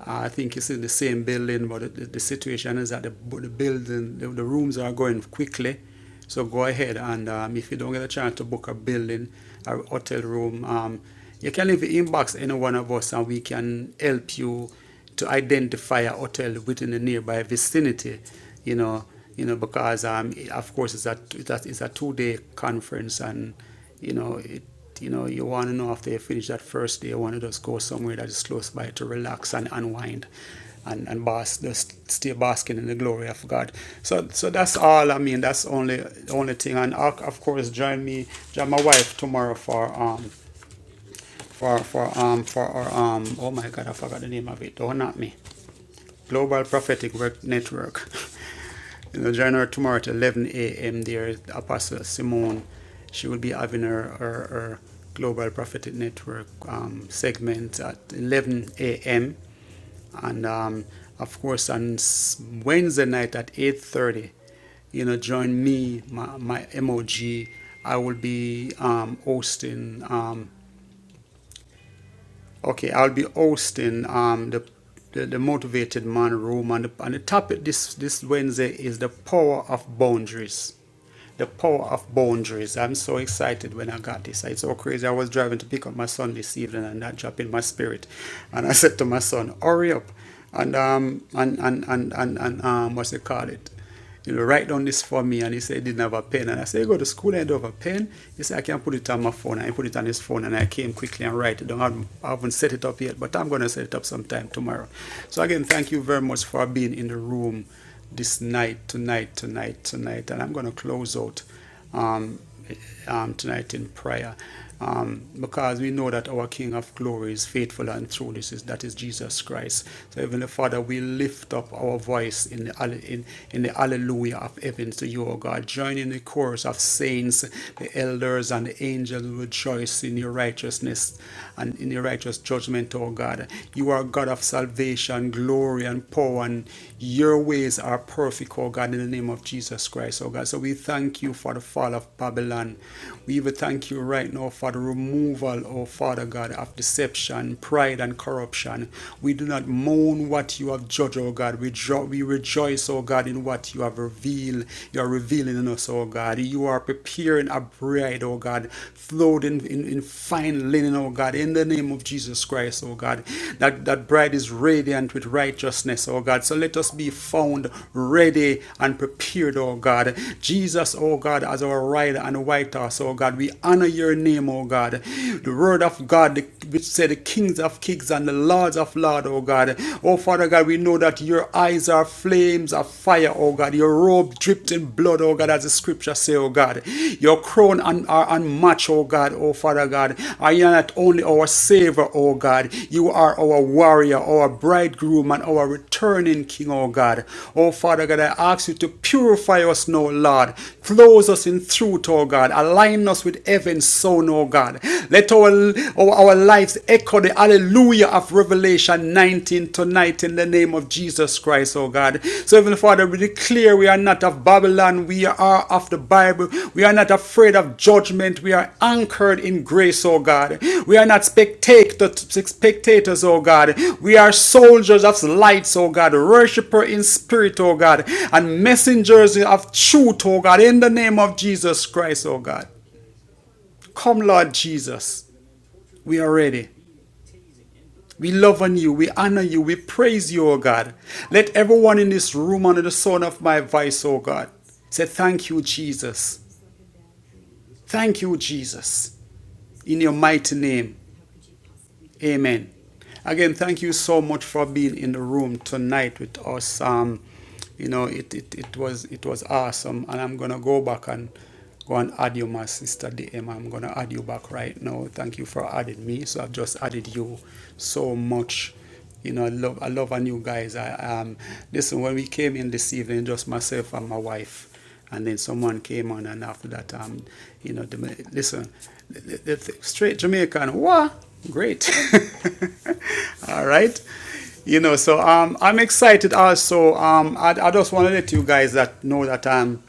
Uh, I think it's in the same building, but the, the the situation is that the, the building, the, the rooms are going quickly. So go ahead and um, if you don't get a chance to book a building, a hotel room, um, you can leave the inbox any one of us and we can help you to identify a hotel within the nearby vicinity, you know, you know, because um, of course it's a it's a two day conference, and you know it. You know, you want to know after you finish that first day, you want to just go somewhere that is close by to relax and unwind, and and bask, just stay basking in the glory of God. So, so that's all. I mean, that's only only thing. And of of course, join me, join my wife tomorrow for um for for um for our um. Oh my God, I forgot the name of it. Don't knock me Global Prophetic Work Network. you know, January tomorrow at 11 a.m. There, Apostle Simone, she will be having her, her, her Global Prophetic Network um, segment at 11 a.m. And um, of course, on Wednesday night at 8:30, you know, join me, my, my MOG. I will be um, hosting um, Okay, I'll be hosting um, the, the the motivated man room, and the, and the topic this this Wednesday is the power of boundaries. The power of boundaries. I'm so excited when I got this. It's so crazy. I was driving to pick up my son this evening, and that dropped in my spirit. And I said to my son, "Hurry up!" And um and and and and, and um what's it called it? you know, write down this for me. And he said he didn't have a pen. And I said, you go to school and I don't have a pen. He said, I can put it on my phone. And I put it on his phone and I came quickly and write it down. have I haven't set it up yet, but I'm going to set it up sometime tomorrow. So again, thank you very much for being in the room this night, tonight, tonight, tonight. And I'm going to close out um, um, tonight in prayer. Um, because we know that our King of glory is faithful and true. This is that is Jesus Christ. So Heavenly Father, we lift up our voice in the in, in the Alleluia of heaven to you, O God. Join in the chorus of saints, the elders and the angels rejoice in your righteousness and in your righteous judgment, O God. You are God of salvation, glory, glory and power, and your ways are perfect, oh God, in the name of Jesus Christ, oh God. So we thank you for the fall of Babylon. We even thank you right now for the removal, oh Father God, of deception, pride, and corruption. We do not mourn what you have judged, oh God. We, we rejoice, oh God, in what you have revealed. You are revealing in us, oh God. You are preparing a bride, oh God, clothed in, in, in in fine linen, oh God, in the name of Jesus Christ, oh God. That that bride is radiant with righteousness, oh God. So let us be found ready and prepared, oh God. Jesus, oh God, as our rider and white horse, oh God. We honor your name, oh God. The word of God, which said the kings of kings and the lords of lords, oh God. Oh Father God, we know that your eyes are flames of fire, oh God. Your robe dripped in blood, oh God, as the scripture say, oh God. Your crown un- are unmatched, oh God, oh Father God. And you are not only our Savior, oh God, you are our warrior, our bridegroom, and our returning King, oh God. Oh Father God, I ask you to purify us now, Lord. Close us in truth, oh God. Align us with heaven's Son, oh God. Let our, our, our lives echo the hallelujah of revelation Revelation 19 tonight in the name of Jesus Christ, oh God. So, Heavenly Father, we declare we are not of Babylon, we are of the Bible. We are not afraid of judgment, we are anchored in grace, oh God. We are not spectators, oh God. We are soldiers of lights, oh God, worshiper in spirit, oh God, and messengers of truth, oh God, in the name of Jesus Christ, oh God. Come, Lord Jesus, we are ready. We love on you. We honor you. We praise you, O God. Let everyone in this room under the sound of my voice, O God, say, Thank you, Jesus. Thank you, Jesus. In your mighty name. Amen. Again, thank you so much for being in the room tonight with us. Um, you know, it, it, it was it was awesome, and I'm gonna go back and go and add you, my sister DM. I'm gonna add you back right now. Thank you for adding me. So I've just added you so much. You know, I love I love our new guys. I um listen when we came in this evening, just myself and my wife. And then someone came on, and after that, um, you know, the, listen, the, the, the straight Jamaican, wow, great. All right. You know, so um, I'm excited also. Um, I, I just want to let you guys that know that um,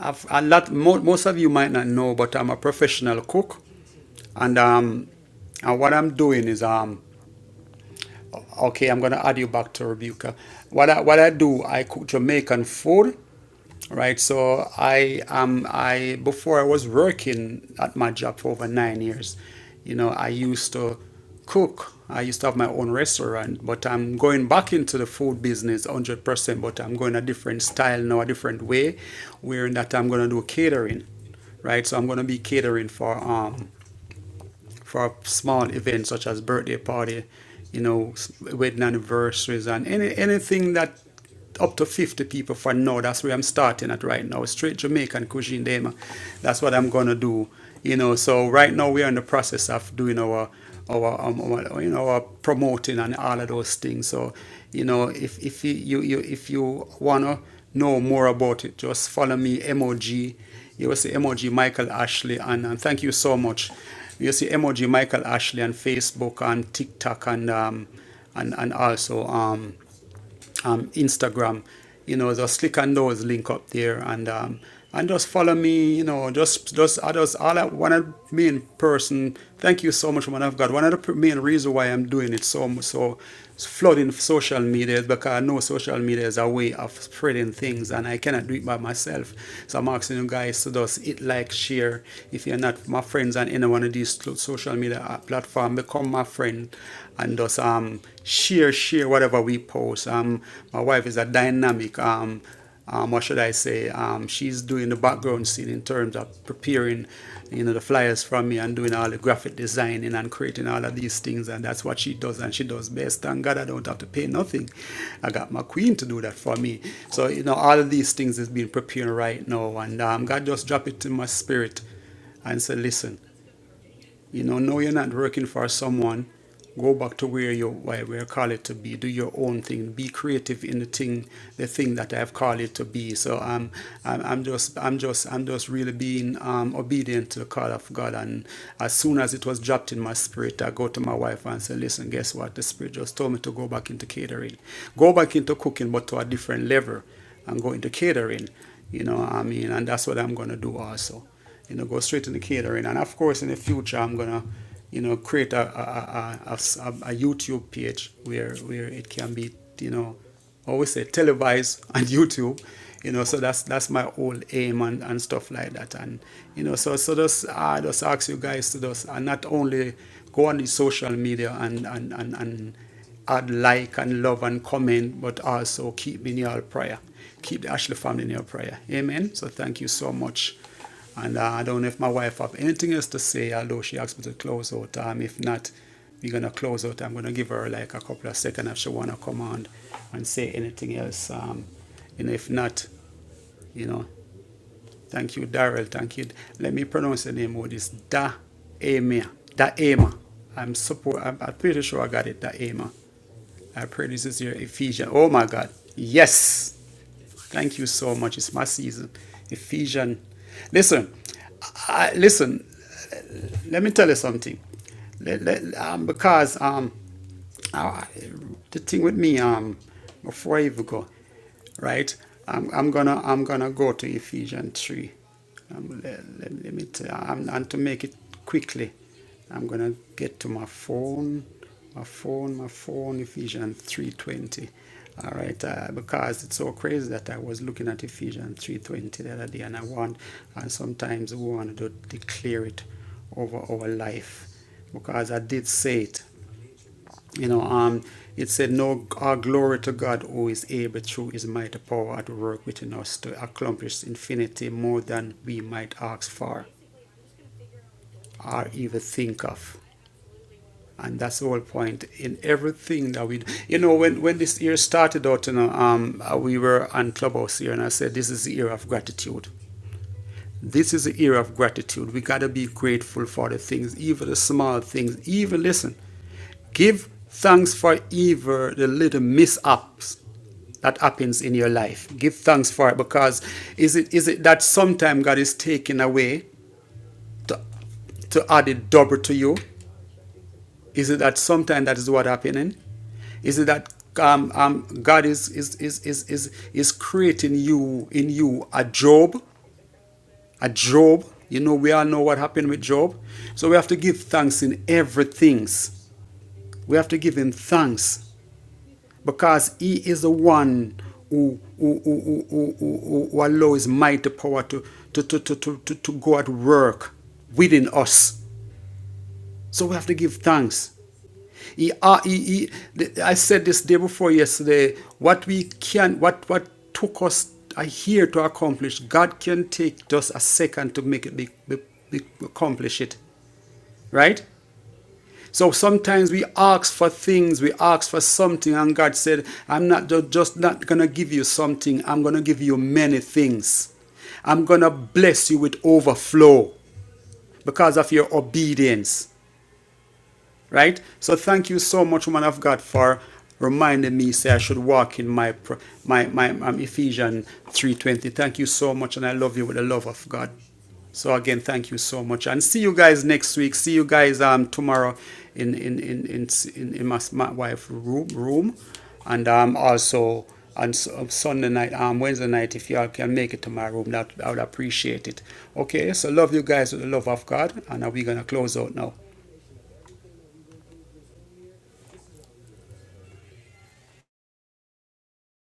I've, a lot, mo- most of you might not know, but I'm a professional cook. And um, and what I'm doing is um okay, I'm gonna add you back to Rebuka. What I what I do, I cook Jamaican food right? So I um I before I was working at my job for over nine years, you know, I used to cook. I used to have my own restaurant, but I'm going back into the food business 100%, but I'm going a different style now, a different way, wherein that I'm going to do catering, right? So I'm going to be catering for um for a small event such as birthday party, you know, s- wedding anniversaries and any anything that up to 50 people for now. That's where I'm starting at right now. Straight Jamaican cuisine, dema. That's what I'm gonna do. You know, so right now we are in the process of doing our our, um, our you know our promoting and all of those things. So you know, if if you you, you if you wanna know more about it, just follow me, MOG you see emoji Michael Ashley and, and thank you so much. You see emoji Michael Ashley on Facebook and TikTok and um and, and also um um, Instagram. You know, just click on those link up there and um, and just follow me. You know, just just I just all I, one of the main person. Thank you so much, man of God. One of the main reason why I'm doing it so so flooding social media is because I know social media is a way of spreading things, and I cannot do it by myself. So I'm asking you guys to just hit like, share. If you're not my friends on any one of these social media uh, platform, become my friend and just um, share, share whatever we post. Um, my wife is a dynamic, um, um, what should I say? Um, she's doing the background scene in terms of preparing, you know, the flyers from me and doing all the graphic designing and creating all of these things. And that's what she does, and she does best. Thank God I don't have to pay nothing. I got my queen to do that for me. So you know, all of these things is being prepared right now, and um, God just dropped it in my spirit and said, listen, you know, know you're not working for someone. Go back to where you why we're called to be. Do your own thing. Be creative in the thing, the thing that I've called it to be. So um, I'm, I'm just, I'm just, I'm just really being um, obedient to the call of God. And as soon as it was dropped in my spirit, I go to my wife and say, "Listen, guess what? The spirit just told me to go back into catering, go back into cooking, but to a different level, and go into catering. You know, what I mean, and that's what I'm gonna do also." you know, go straight into catering. And of course, in the future, I'm gonna, you know, create a a a a a YouTube page where where it can be, you know, I always say televised on YouTube. You know, so that's that's my whole aim and, and stuff like that. And you know, so so just I just ask you guys to just and not only go on the social media and and and, and add like and love and comment, but also keep me in your prayer. Keep the Ashley family in your prayer. Amen. So thank you so much and uh, I don't know if my wife have anything else to say, although she asked me to close out. Um, if not, we're gonna close out. I'm gonna give her like a couple of seconds if she wanna come on and say anything else. Um, and if not, you know, Thank you, Darrell. Thank you. Let me pronounce the name of this. Da Emia. Da Ema. I'm support. I'm, I'm pretty sure I got it. Da Ema. I pray this is your Ephesian. Oh my God. Yes. Thank you so much. It's my season. Ephesian. Listen. I- listen. Let me tell you something. Let- let- um, because um, uh, the thing with me, um, before I even go, right? I'm, I'm gonna I'm gonna go to Ephesians three. Um, let, let, let me tell. I'm, and to make it quickly, I'm gonna get to my phone, my phone, my phone. Ephesians three twenty. All right, uh, because it's so crazy that I was looking at Ephesians three twenty the other day, and I want, and sometimes we want to declare it over our life, because I did say it. You know, um, it said, "No, our glory to God, who is able through His mighty power at work within us to accomplish infinity more than we might ask for or even think of." And that's the whole point in everything that we, do. you know, when when this year started out, you know, um, uh, we were on Clubhouse here, and I said, "This is the year of gratitude." This is the era of gratitude. We got to be grateful for the things, even the small things. Even, listen, give thanks for even the little mishaps that happens in your life. Give thanks for it because is it, is it that sometimes God is taking away to, to add it double to you? Is it that sometimes that is what happening? Is it that um, um, God is, is, is, is, is, is creating you in you a job? at Job. You know, we all know what happened with Job. So we have to give thanks in everything. We have to give him thanks because he is the one who, who, who, who, who, who, who allows mighty power to, to, to, to, to, to go at work within us. So we have to give thanks. He, uh, he, he, I said this day before yesterday. What we can, what what took us a year to accomplish, God can take just a second to make it be, be- be- accomplish it, right? So sometimes we ask for things, we ask for something, and God said, "I'm not just not gonna give you something. I'm gonna give you many things. I'm gonna bless you with overflow because of your obedience." right? So thank you so much, woman of God, for reminding me. Say I should walk in my my my um, Ephesians three twenty. Thank you so much, and I love you with the love of God. So again, thank you so much, and see you guys next week. See you guys um tomorrow in in in in in, in my, my wife room room, and um also on Sunday night um Wednesday night if y'all can make it to my room that I would appreciate it. Okay, so love you guys with the love of God, and uh, we're gonna close out now.